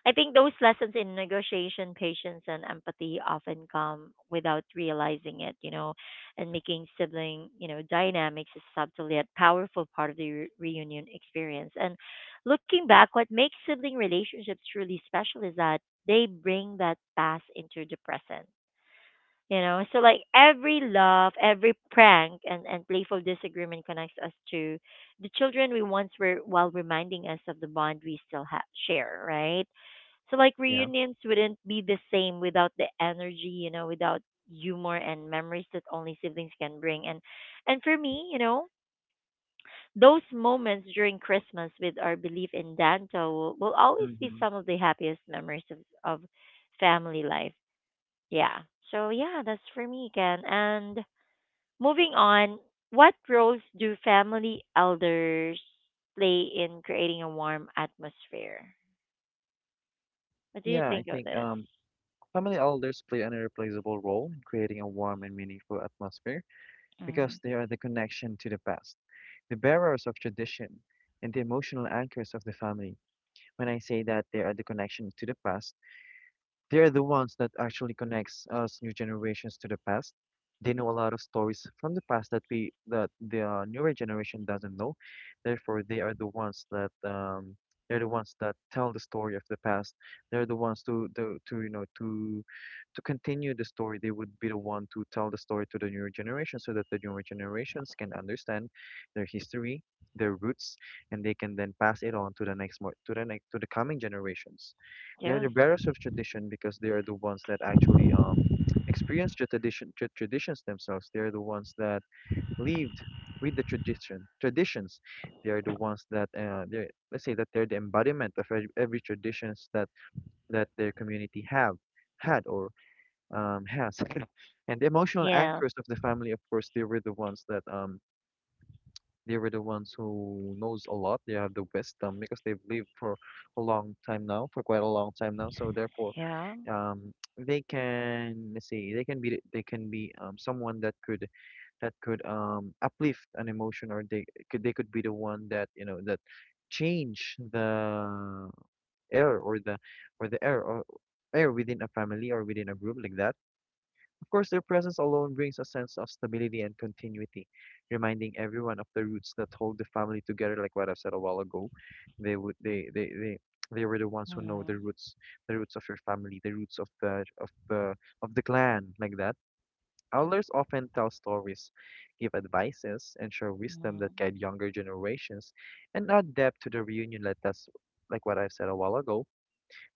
Speaker 1: I think those lessons in negotiation, patience, and empathy often come without realizing it, you know, and making sibling, you know, dynamics a subtle yet powerful part of the reunion experience. And looking back, what makes sibling relationships truly special is that they bring that past into the present. You know, so like every love, every prank, and playful disagreement connects us to the children we once were while reminding us of the bond we still share, right? So like
Speaker 2: Yeah.
Speaker 1: reunions wouldn't be the same without the energy, you know, without humor and memories that only siblings can bring. And for me, you know, those moments during Christmas with our belief in Danta will always be
Speaker 2: Mm-hmm.
Speaker 1: some of the happiest memories of family life. Yeah. So yeah, that's for me, Ken. And moving on, what roles do family elders play in creating a warm atmosphere? What do you
Speaker 2: Yeah. I
Speaker 1: think of
Speaker 2: think
Speaker 1: this?
Speaker 2: family elders play an irreplaceable role in creating a warm and meaningful atmosphere,
Speaker 1: Mm-hmm.
Speaker 2: because they are the connection to the past, the bearers of tradition, and the emotional anchors of the family. When I say that they are the connection to the past, they're the ones that actually connects us new generations to the past. They know a lot of stories from the past that we that the newer generation doesn't know. Therefore, they are the ones that they're the ones that tell the story of the past. They're the ones to, you know, to continue the story. They would be the one to tell the story to the newer generation so that the newer generations can understand their history, their roots, and they can then pass it on to the next, to the coming generations. They're the bearers of tradition because they are the ones that actually experience the traditions themselves. They are the ones that lived with the traditions. They are the ones that they let's say that they're the embodiment of every traditions that their community have had, or has. And the emotional
Speaker 1: Yeah.
Speaker 2: anchors of the family, of course, they were the ones that they were the ones who knows a lot. They have the wisdom because they've lived for a long time now, for quite a long time now. So therefore,
Speaker 1: Yeah.
Speaker 2: they can, let's say, they can be someone that could uplift an emotion, or they could be the one that, you know, that change the air, or the air or air within a family or within a group like that. Of course, their presence alone brings a sense of stability and continuity, reminding everyone of the roots that hold the family together. Like what I've said a while ago, they they were the ones who know
Speaker 1: Mhm.
Speaker 2: the roots of your family, the roots of the of the of the clan, like that. Elders often tell stories, give advices, and share wisdom
Speaker 1: Mhm.
Speaker 2: that guide younger generations, and add depth to the reunion. Like that's like what I've said a while ago,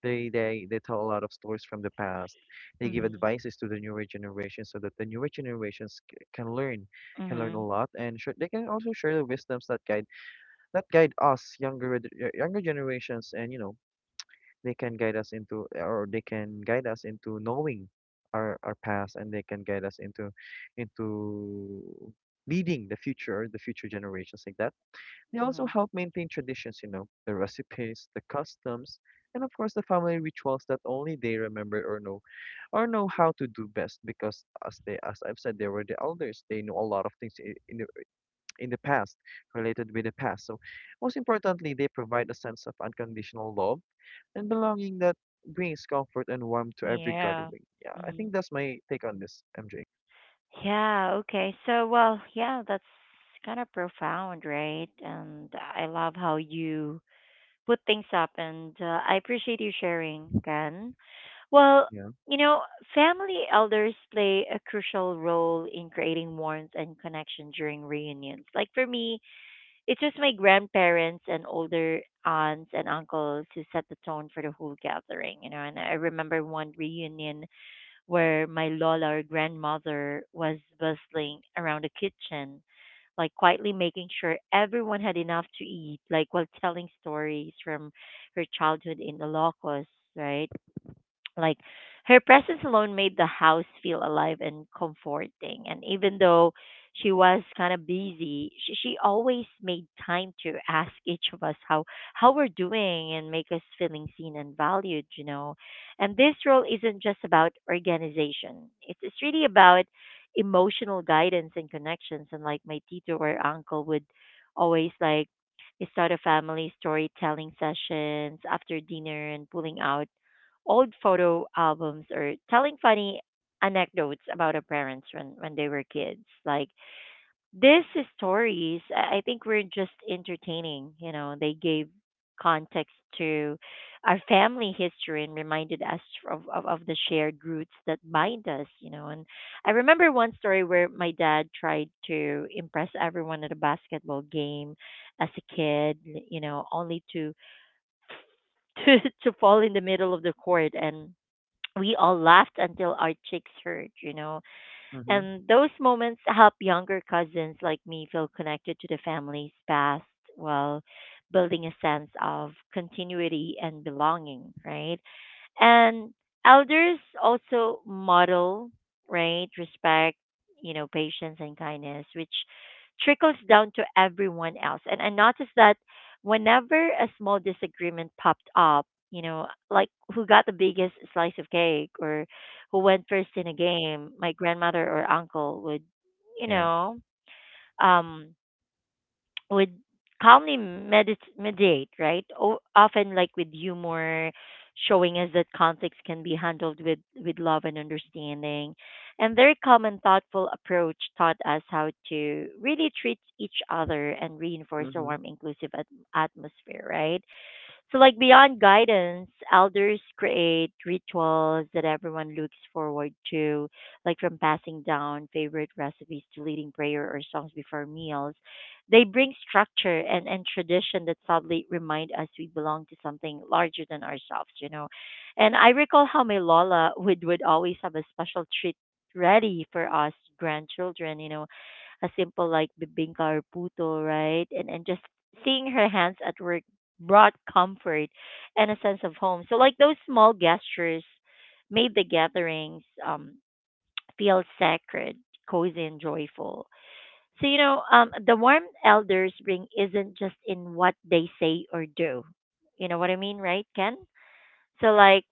Speaker 2: they they tell a lot of stories from the past. They give
Speaker 1: Mhm.
Speaker 2: advices to the newer generation so that the newer generations can learn
Speaker 1: Mhm.
Speaker 2: a lot, and they can also share the wisdoms that guide us younger generations, and you know they can guide us into, or they can guide us into knowing our past, and they can guide us into leading the future generations like that. They also
Speaker 1: Mhm.
Speaker 2: help maintain traditions, you know, the recipes, the customs, and of course the family rituals that only they remember or know, or know how to do best, because as they as I've said, they were the elders. They know a lot of things in the past, related with the past. So most importantly, they provide a sense of unconditional love and belonging that brings comfort and warmth to every
Speaker 1: Yeah.
Speaker 2: gathering. Yeah, I
Speaker 1: Mhm.
Speaker 2: think that's my take on this, MJ.
Speaker 1: Yeah. Okay. So, well, yeah, that's kind of profound, right? And I love how you put things up, and I appreciate you sharing, Ken. Well,
Speaker 2: Yeah.
Speaker 1: you know, family elders play a crucial role in creating warmth and connection during reunions. Like for me, it was my grandparents and older aunts and uncles who set the tone for the whole gathering, you know. And I remember one reunion where my Lola or grandmother was bustling around the kitchen, like quietly making sure everyone had enough to eat, like while telling stories from her childhood in the Ilocos, right? Like her presence alone made the house feel alive and comforting. And even though she was kind of busy, she always made time to ask each of us how we're doing and make us feeling seen and valued. And this role isn't just about organization. It's really about emotional guidance and connections. And my tito or uncle would always start a family storytelling sessions after dinner and pulling out old photo albums or telling funny anecdotes about our parents when they were kids. Like these stories, I think we're just entertaining. You know, they gave context to our family history and reminded us of the shared roots that bind us, you know. And I remember one story where my dad tried to impress everyone at a basketball game as a kid, you know, only to to, to fall in the middle of the court and we all laughed until our cheeks hurt, you know.
Speaker 2: Mm-hmm.
Speaker 1: And those moments help younger cousins like me feel connected to the family's past while building a sense of continuity and belonging, right? And elders also model, right, respect, you know, patience and kindness, which trickles down to everyone else. And I noticed that whenever a small disagreement popped up, you know, like who got the biggest slice of cake or who went first in a game, my grandmother or uncle would, you
Speaker 2: Yeah.
Speaker 1: know, um, would calmly mediate, right? Often, like with humor, showing us that conflicts can be handled with love and understanding. And their calm and thoughtful approach taught us how to really treat each other and reinforce a
Speaker 2: Mm-hmm.
Speaker 1: warm, inclusive atmosphere, right? So, like beyond guidance, elders create rituals that everyone looks forward to, like from passing down favorite recipes to leading prayer or songs before meals. They bring structure and tradition that subtly remind us we belong to something larger than ourselves, you know. And I recall how my Lola would always have a special treat ready for us grandchildren, you know, a simple like bibingka or puto, right? And just seeing her hands at work brought comfort and a sense of home. So like those small gestures made the gatherings feel sacred, cozy and joyful. So the warm elders bring isn't just in what they say or do. You know what I mean, right, Ken? So like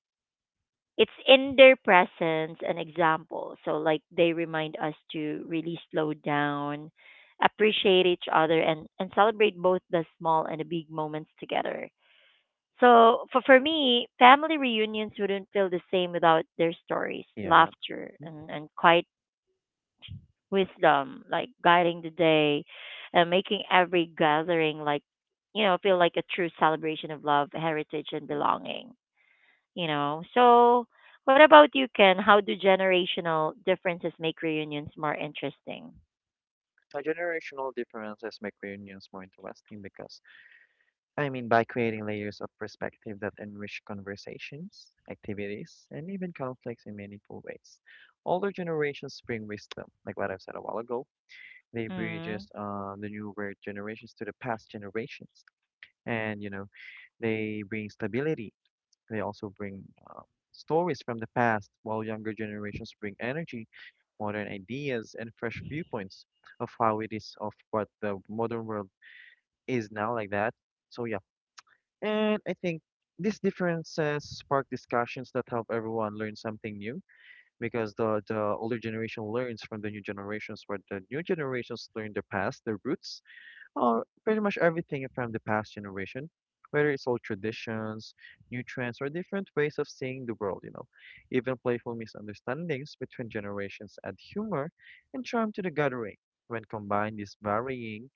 Speaker 1: it's in their presence an example. So like they remind us to really slow down, appreciate each other and celebrate both the small and the big moments together. So for me, family reunions wouldn't feel the same without their stories,
Speaker 2: Yeah.
Speaker 1: laughter and quiet wisdom like guiding the day and making every gathering like you know feel like a true celebration of love, heritage and belonging. You know. So, what about you, Ken? How do generational differences make reunions more interesting?
Speaker 2: Generational differences make reunions more interesting because, I mean, by creating layers of perspective that enrich conversations, activities, and even conflicts in meaningful ways. Older generations bring wisdom, like what I've said a while ago. They bridges
Speaker 1: mm
Speaker 2: the newer generations to the past generations, and you know, they bring stability, they also bring uh, stories from the past, while younger generations bring energy, modern ideas, and fresh viewpoints of how it is, of what the modern world is now, like that. So, yeah. And I think these differences spark discussions that help everyone learn something new because the older generation learns from the new generations, where the new generations learn their past, their roots, or pretty much everything from the past generation, whether it's old traditions, new trends, or different ways of seeing the world, you know. Even playful misunderstandings between generations add humor and charm to the gathering. When combined, these varying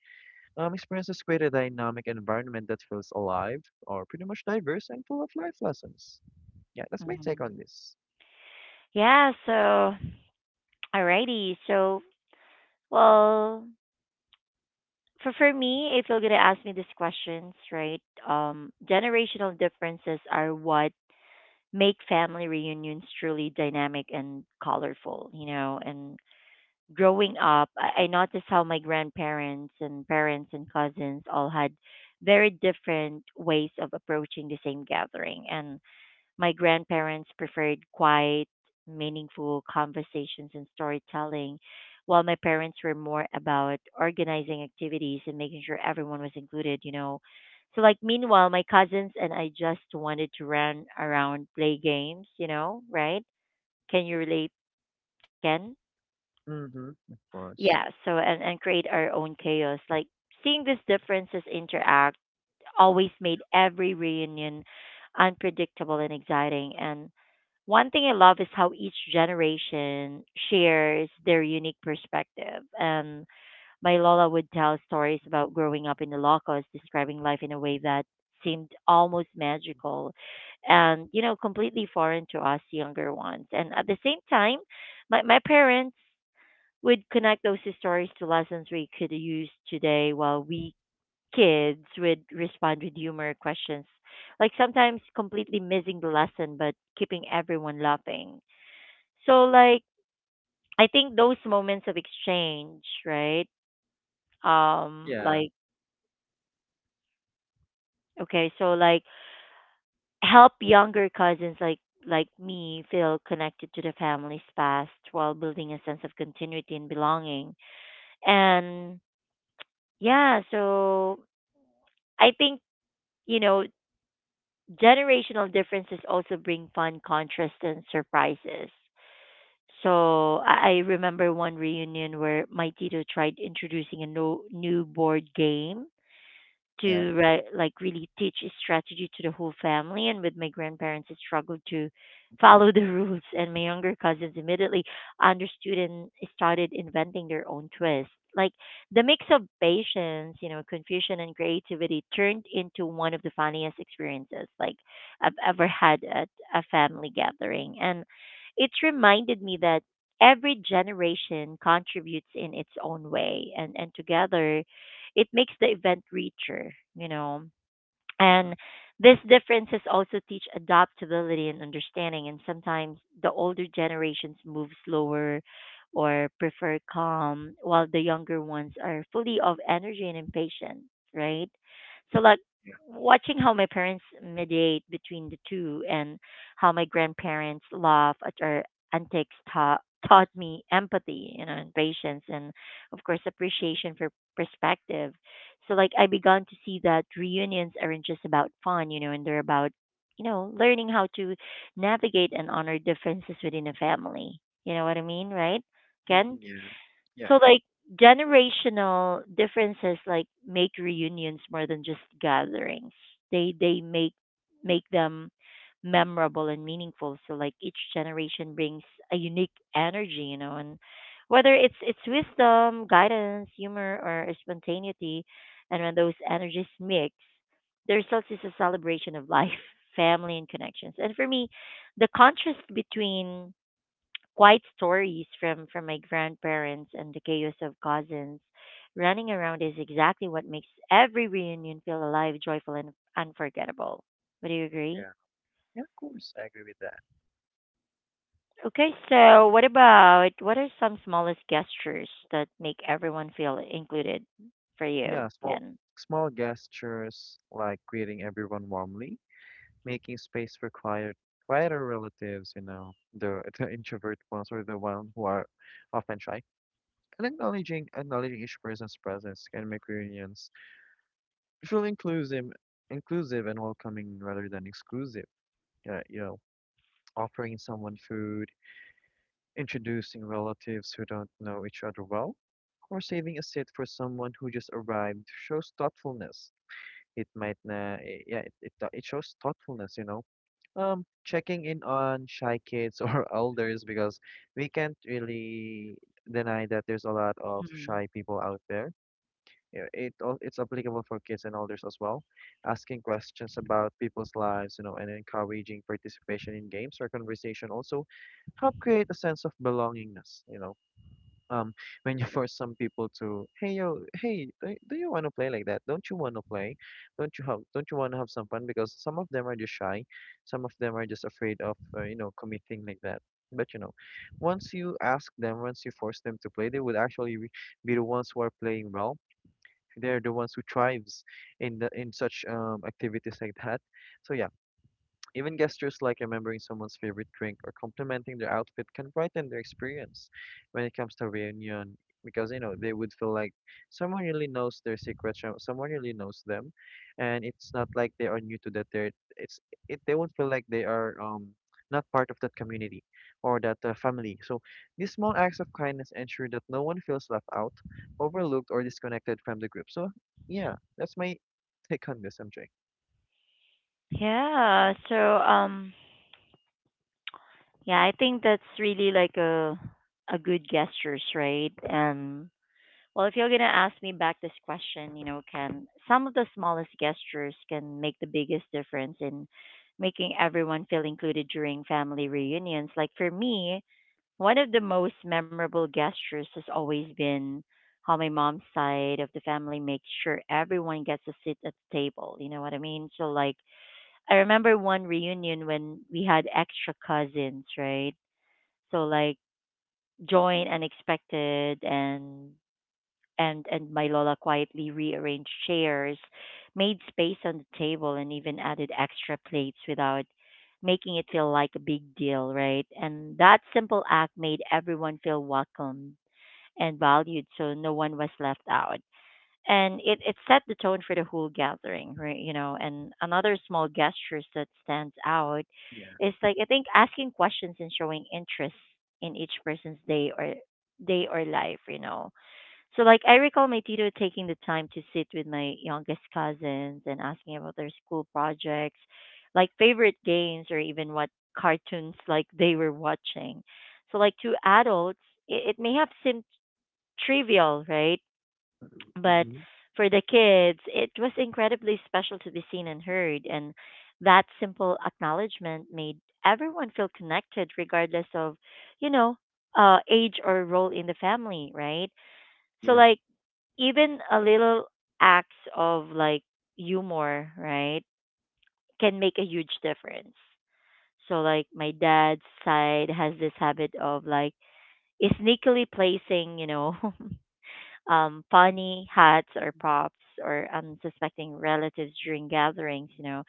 Speaker 2: experiences create a dynamic environment that feels alive, or pretty much diverse and full of life lessons. Yeah, that's my take
Speaker 1: Mm-hmm.
Speaker 2: on this.
Speaker 1: Yeah, so alrighty. So well for me, if you're gonna ask me these questions, right? Generational differences are what make family reunions truly dynamic and colorful, you know, and growing up, I noticed how my grandparents and parents and cousins all had very different ways of approaching the same gathering. And my grandparents preferred quiet, meaningful conversations and storytelling, while my parents were more about organizing activities and making sure everyone was included, you know. So, like, meanwhile, my cousins and I just wanted to run around, play games, you know, right? Can you relate, Ken?
Speaker 2: Mm-hmm. Of
Speaker 1: Yeah,
Speaker 2: course.
Speaker 1: so and create our own chaos. Like seeing these differences interact always made every reunion unpredictable and exciting. And one thing I love is how each generation shares their unique perspective. And my Lola would tell stories about growing up in the Ilocos, describing life in a way that seemed almost magical and you know completely foreign to us younger ones, and at the same time my parents would connect those stories to lessons we could use today, while we kids would respond with humor questions, like sometimes completely missing the lesson but keeping everyone laughing. So like I think those moments of exchange, right, um
Speaker 2: Yeah,
Speaker 1: like okay, so like help younger cousins like me feel connected to the family's past while building a sense of continuity and belonging. And yeah, so I think, you know, generational differences also bring fun contrasts and surprises. So I remember one reunion where my tito tried introducing a no, new board game
Speaker 2: yeah.
Speaker 1: to like really teach a strategy to the whole family, and with my grandparents I struggled to follow the rules, and my younger cousins immediately understood and started inventing their own twists. Like the mix of patience, you know, confusion and creativity turned into one of the funniest experiences like I've ever had at a family gathering. And it's reminded me that every generation contributes in its own way, and together it makes the event richer, you know.
Speaker 2: Mm-hmm.
Speaker 1: And these differences also teach adaptability and understanding. And sometimes the older generations move slower or prefer calm, while the younger ones are fully of energy and impatience, right? So, like,
Speaker 2: Yeah.
Speaker 1: watching how my parents mediate between the two and how my grandparents laugh at our antics taught me empathy, you know, and patience and of course appreciation for perspective. So like I began to see that reunions aren't just about fun, you know, and they're about, you know, learning how to navigate and honor differences within a family. You know what I mean, right?
Speaker 2: Mm-hmm.
Speaker 1: Ken?
Speaker 2: Yeah, yeah,
Speaker 1: So
Speaker 2: yeah.
Speaker 1: like generational differences like make reunions more than just gatherings. They make them memorable and meaningful. So like each generation brings a unique energy, you know, and whether it's wisdom, guidance, humor or spontaneity, and when those energies mix, the result is a celebration of life, family and connections. And for me, the contrast between quiet stories from my grandparents and the chaos of cousins running
Speaker 2: Mhm.
Speaker 1: around is exactly what makes every reunion feel alive, joyful, and unforgettable. Would you agree?
Speaker 2: Yeah, yeah, of course, I agree with that.
Speaker 1: Okay, so what about, what are some smallest gestures that make everyone feel included for
Speaker 2: Yeah,
Speaker 1: you, Ken?
Speaker 2: small gestures like greeting everyone warmly, making space for quieter relatives, you know, the the introvert ones, or the one who are often shy. And acknowledging each person's presence can make reunions feel inclusive and welcoming rather than exclusive. You know, offering someone food, introducing relatives who don't know each other well, or saving a seat for someone who just arrived shows thoughtfulness. It might, yeah, it shows thoughtfulness, you know. Checking in on shy kids or elders, because we can't really deny that there's a lot of
Speaker 1: Mhm.
Speaker 2: shy people out there. Yeah, it's applicable for kids and elders as well. Asking questions about people's lives, you know, and encouraging participation in games or conversation also help create a sense of belongingness, um when you force some people to hey yo hey do you want to play like that, don't you want to play, don't you have, don't you want to have some fun? Because some of them are just shy, some of them are just afraid of you know, committing like that. But you know, once you ask them, once you force them to play, they would actually be the ones who are playing well. They're the ones who thrives in the in such activities like that. So yeah, even gestures like remembering someone's favorite drink or complimenting their outfit can brighten their experience when it comes to reunion, because you know they would feel like someone really knows their secrets, someone really knows them, and it's not like they are new to that. They're it's it they won't feel like they are not part of that community or that family. So these small acts of kindness ensure that no one feels left out, overlooked, or disconnected from the group. So yeah, that's my take on this, MJ.
Speaker 1: Yeah, so yeah, I think that's really like a good gestures, right? And well, if you're going to ask me back this question, you know, can some of the smallest gestures can make the biggest difference in making everyone feel included during family reunions. Like for me, one of the most memorable gestures has always been how my mom's side of the family makes sure everyone gets a seat at the table. You know what I mean? So like I remember one reunion when we had extra cousins, right? So like joint unexpected and my lola quietly rearranged chairs, made space on the table, and even added extra plates without making it feel like a big deal, right? And that simple act made everyone feel welcomed and valued, so no one was left out. And it set the tone for the whole gathering, right? You know, and another small gestures that stands out
Speaker 2: Yeah.
Speaker 1: is like I think asking questions and showing interest in each person's day or life, you know. So like I recall my tutor taking the time to sit with my youngest cousins and asking about their school projects, like favorite games or even what cartoons like they were watching. So like to adults, it may have seemed trivial, right? But
Speaker 2: Hmm.
Speaker 1: for the kids, it was incredibly special to be seen and heard, and that simple acknowledgement made everyone feel connected regardless of, you know, uh, age or role in the family, right? So
Speaker 2: Yeah.
Speaker 1: like even a little acts of like humor, right, can make a huge difference. So like my dad's side has this habit of like sneakily placing, you know, funny hats or props or unsuspecting relatives during gatherings, you know.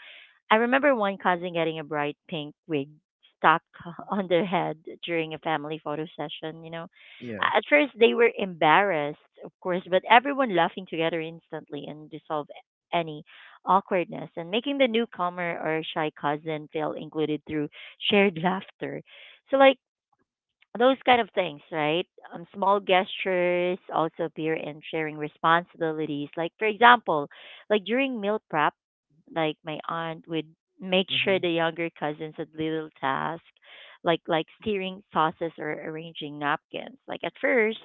Speaker 1: I remember one cousin getting a bright pink wig stuck on their head during a family photo session, you know.
Speaker 2: Yeah.
Speaker 1: At first they were embarrassed, of course, but everyone laughing together instantly and dissolved any awkwardness and making the newcomer or shy cousin feel included through shared laughter. So like those kind of things, right? Small gestures also appear in sharing responsibilities. Like, for example, like during meal prep, like my aunt would make sure
Speaker 2: Mm-hmm.
Speaker 1: the younger cousins had little tasks, like stirring sauces or arranging napkins. Like at first,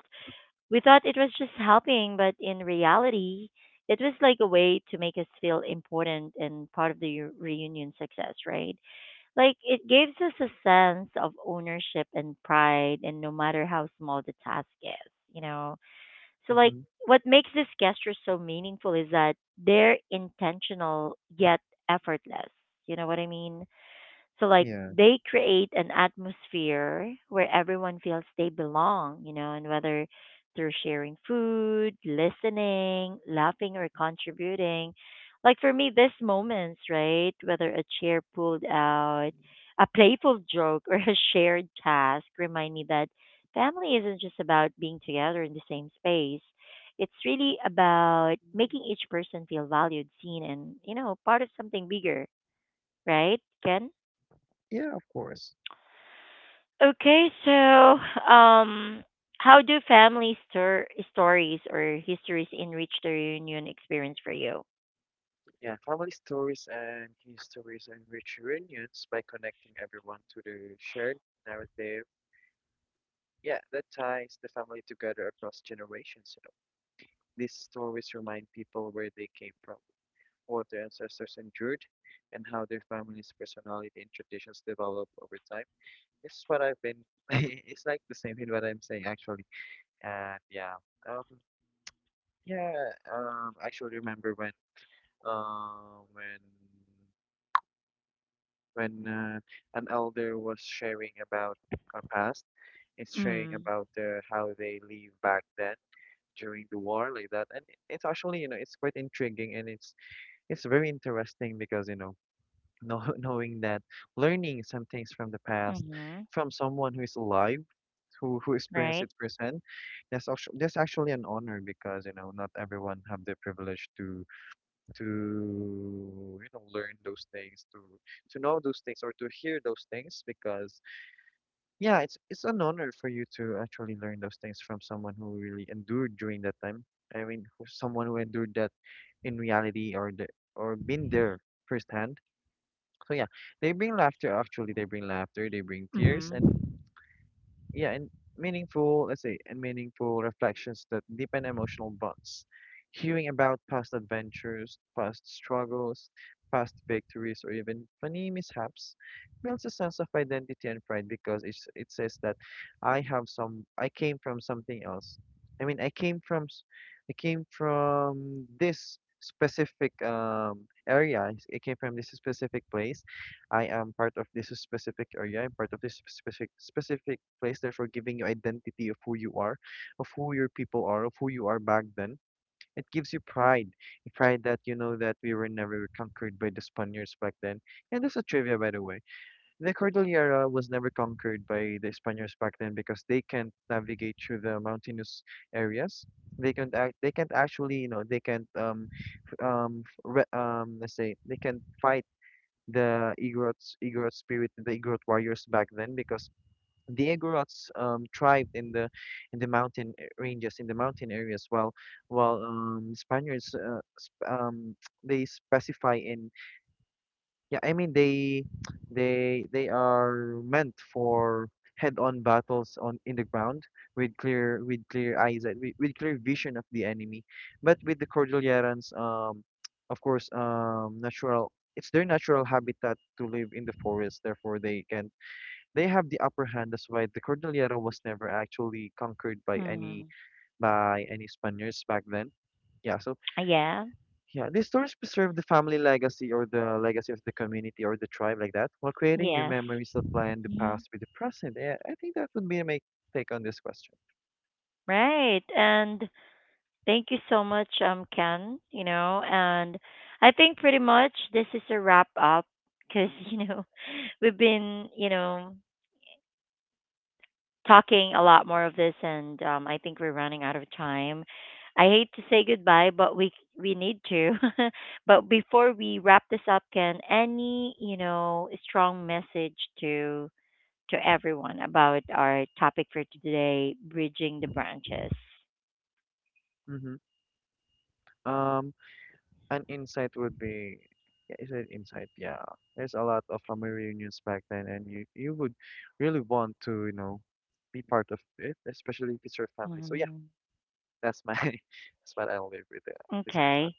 Speaker 1: we thought it was just helping, but in reality, it was like a way to make us feel important and part of the reunion success, right? Like it gives us a sense of ownership and pride, and no matter how small the task is, you know. So like
Speaker 2: Mm-hmm.
Speaker 1: what makes this gesture so meaningful is that they're intentional yet effortless. You know what I mean? So like
Speaker 2: Yeah.
Speaker 1: they create an atmosphere where everyone feels they belong, you know, and whether through sharing food, listening, laughing or contributing. Like for me these moments, right? Whether a chair pulled out, a playful joke or a shared task remind me that family isn't just about being together in the same space. It's really about making each person feel valued, seen and, you know, part of something bigger, right? Ken?
Speaker 2: Yeah, of course.
Speaker 1: Okay, so how do family stories or histories enrich the reunion experience for you?
Speaker 2: Yeah, family stories and histories enrich reunions by connecting everyone to the shared narrative. Yeah, that ties the family together across generations, you know. These stories remind people where they came from, what their ancestors endured, and how their family's personality and traditions develop over time. This is what I've been, it's like the same thing what I'm saying actually. And yeah, um, yeah, I actually remember uh, when when an elder was sharing about our past. It's sharing
Speaker 1: Mm.
Speaker 2: about the how they live back then during the war like that, and it's actually, you know, it's quite intriguing and it's very interesting because you know, knowing that, learning some things from the past
Speaker 1: Mm-hmm.
Speaker 2: from someone who is alive, who experienced
Speaker 1: Right.
Speaker 2: it firsthand, that's actually an honor, because you know not everyone have the privilege to, you know, learn those things, to know those things or to hear those things. Because yeah, it's an honor for you to actually learn those things from someone who really endured during that time. I mean, someone who endured that in reality, or the or been there firsthand. So yeah, they bring laughter, they bring tears,
Speaker 1: Mm-hmm.
Speaker 2: and yeah, and meaningful, let's say, and meaningful reflections that deepen emotional bonds. Hearing about past adventures, past struggles, past victories, or even funny mishaps builds a sense of identity and pride, because it's, it says that I came from something else. I mean, I came from, I came from this specific area. I came from this specific place. I am part of this specific area. I'm part of this specific place, therefore giving you identity of who you are, of who your people are, of who you are back then. It gives you pride, pride that you know that we were never conquered by the Spaniards back then. And this is trivia, by the way. The Cordillera was never conquered by the Spaniards back then because they can't navigate through the mountainous areas. They can't actually, you know, they can't let's say they can't fight the Igorot spirit, the Igorot warriors back then, because the Igorots thrived in the mountain ranges, in the mountain areas, while Spaniards sp they specify in, yeah, I mean they they are meant for head-on battles on in the ground with clear eyesight, with clear vision of the enemy, but with the Cordillerans, of course, natural. It's their natural habitat to live in the forest, therefore they can, they have the upper hand. That's why the Cordillera was never actually conquered by any
Speaker 1: Mm.
Speaker 2: Spaniards back then. Yeah, so
Speaker 1: Yeah.
Speaker 2: yeah, these stories preserve the family legacy or the legacy of the community or the tribe like that, while creating new
Speaker 1: Yes.
Speaker 2: memories that blend the
Speaker 1: Hmm.
Speaker 2: past with the present. Yeah, I think that would be my take on this question.
Speaker 1: Right. And thank you so much, Ken. You know, and I think pretty much this is a wrap up because you know we've been you know talking a lot more of this, and I think we're running out of time. I hate to say goodbye, but we need to. But before we wrap this up, can any you know strong message to everyone about our topic for today, bridging the branches?
Speaker 2: Mm-hmm. Um, an insight would be, yeah, is it insight? Yeah, there's a lot of family reunions back then, and you would really want to, you know, be part of it, especially if it's your family. So yeah.
Speaker 1: Mhm.
Speaker 2: That's my that's what I live with the listeners
Speaker 1: Okay.
Speaker 2: out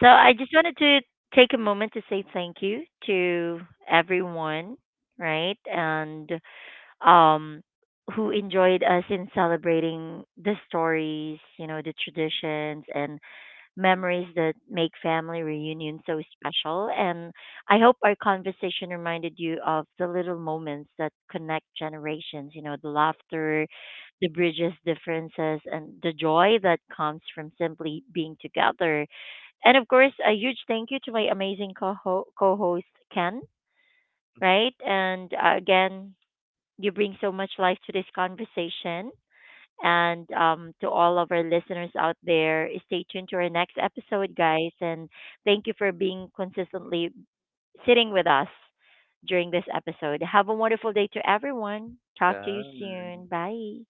Speaker 1: So I just wanted to take a moment to say thank you to everyone, right? And um, who enjoyed us in celebrating the stories, you know, the traditions and memories that make family reunions so special. And I hope our conversation reminded you of the little moments that connect generations, you know, the laughter, the bridges differences, and the joy that comes from simply being together. And of course, a huge thank you to my amazing co host, Ken, right? And again, you bring so much life to this conversation. And to all of our listeners out there, stay tuned to our next episode, guys. And thank you for being consistently sitting with us during this episode. Have a wonderful day to everyone. Talk to you
Speaker 2: there. Bye.
Speaker 1: soon. Bye.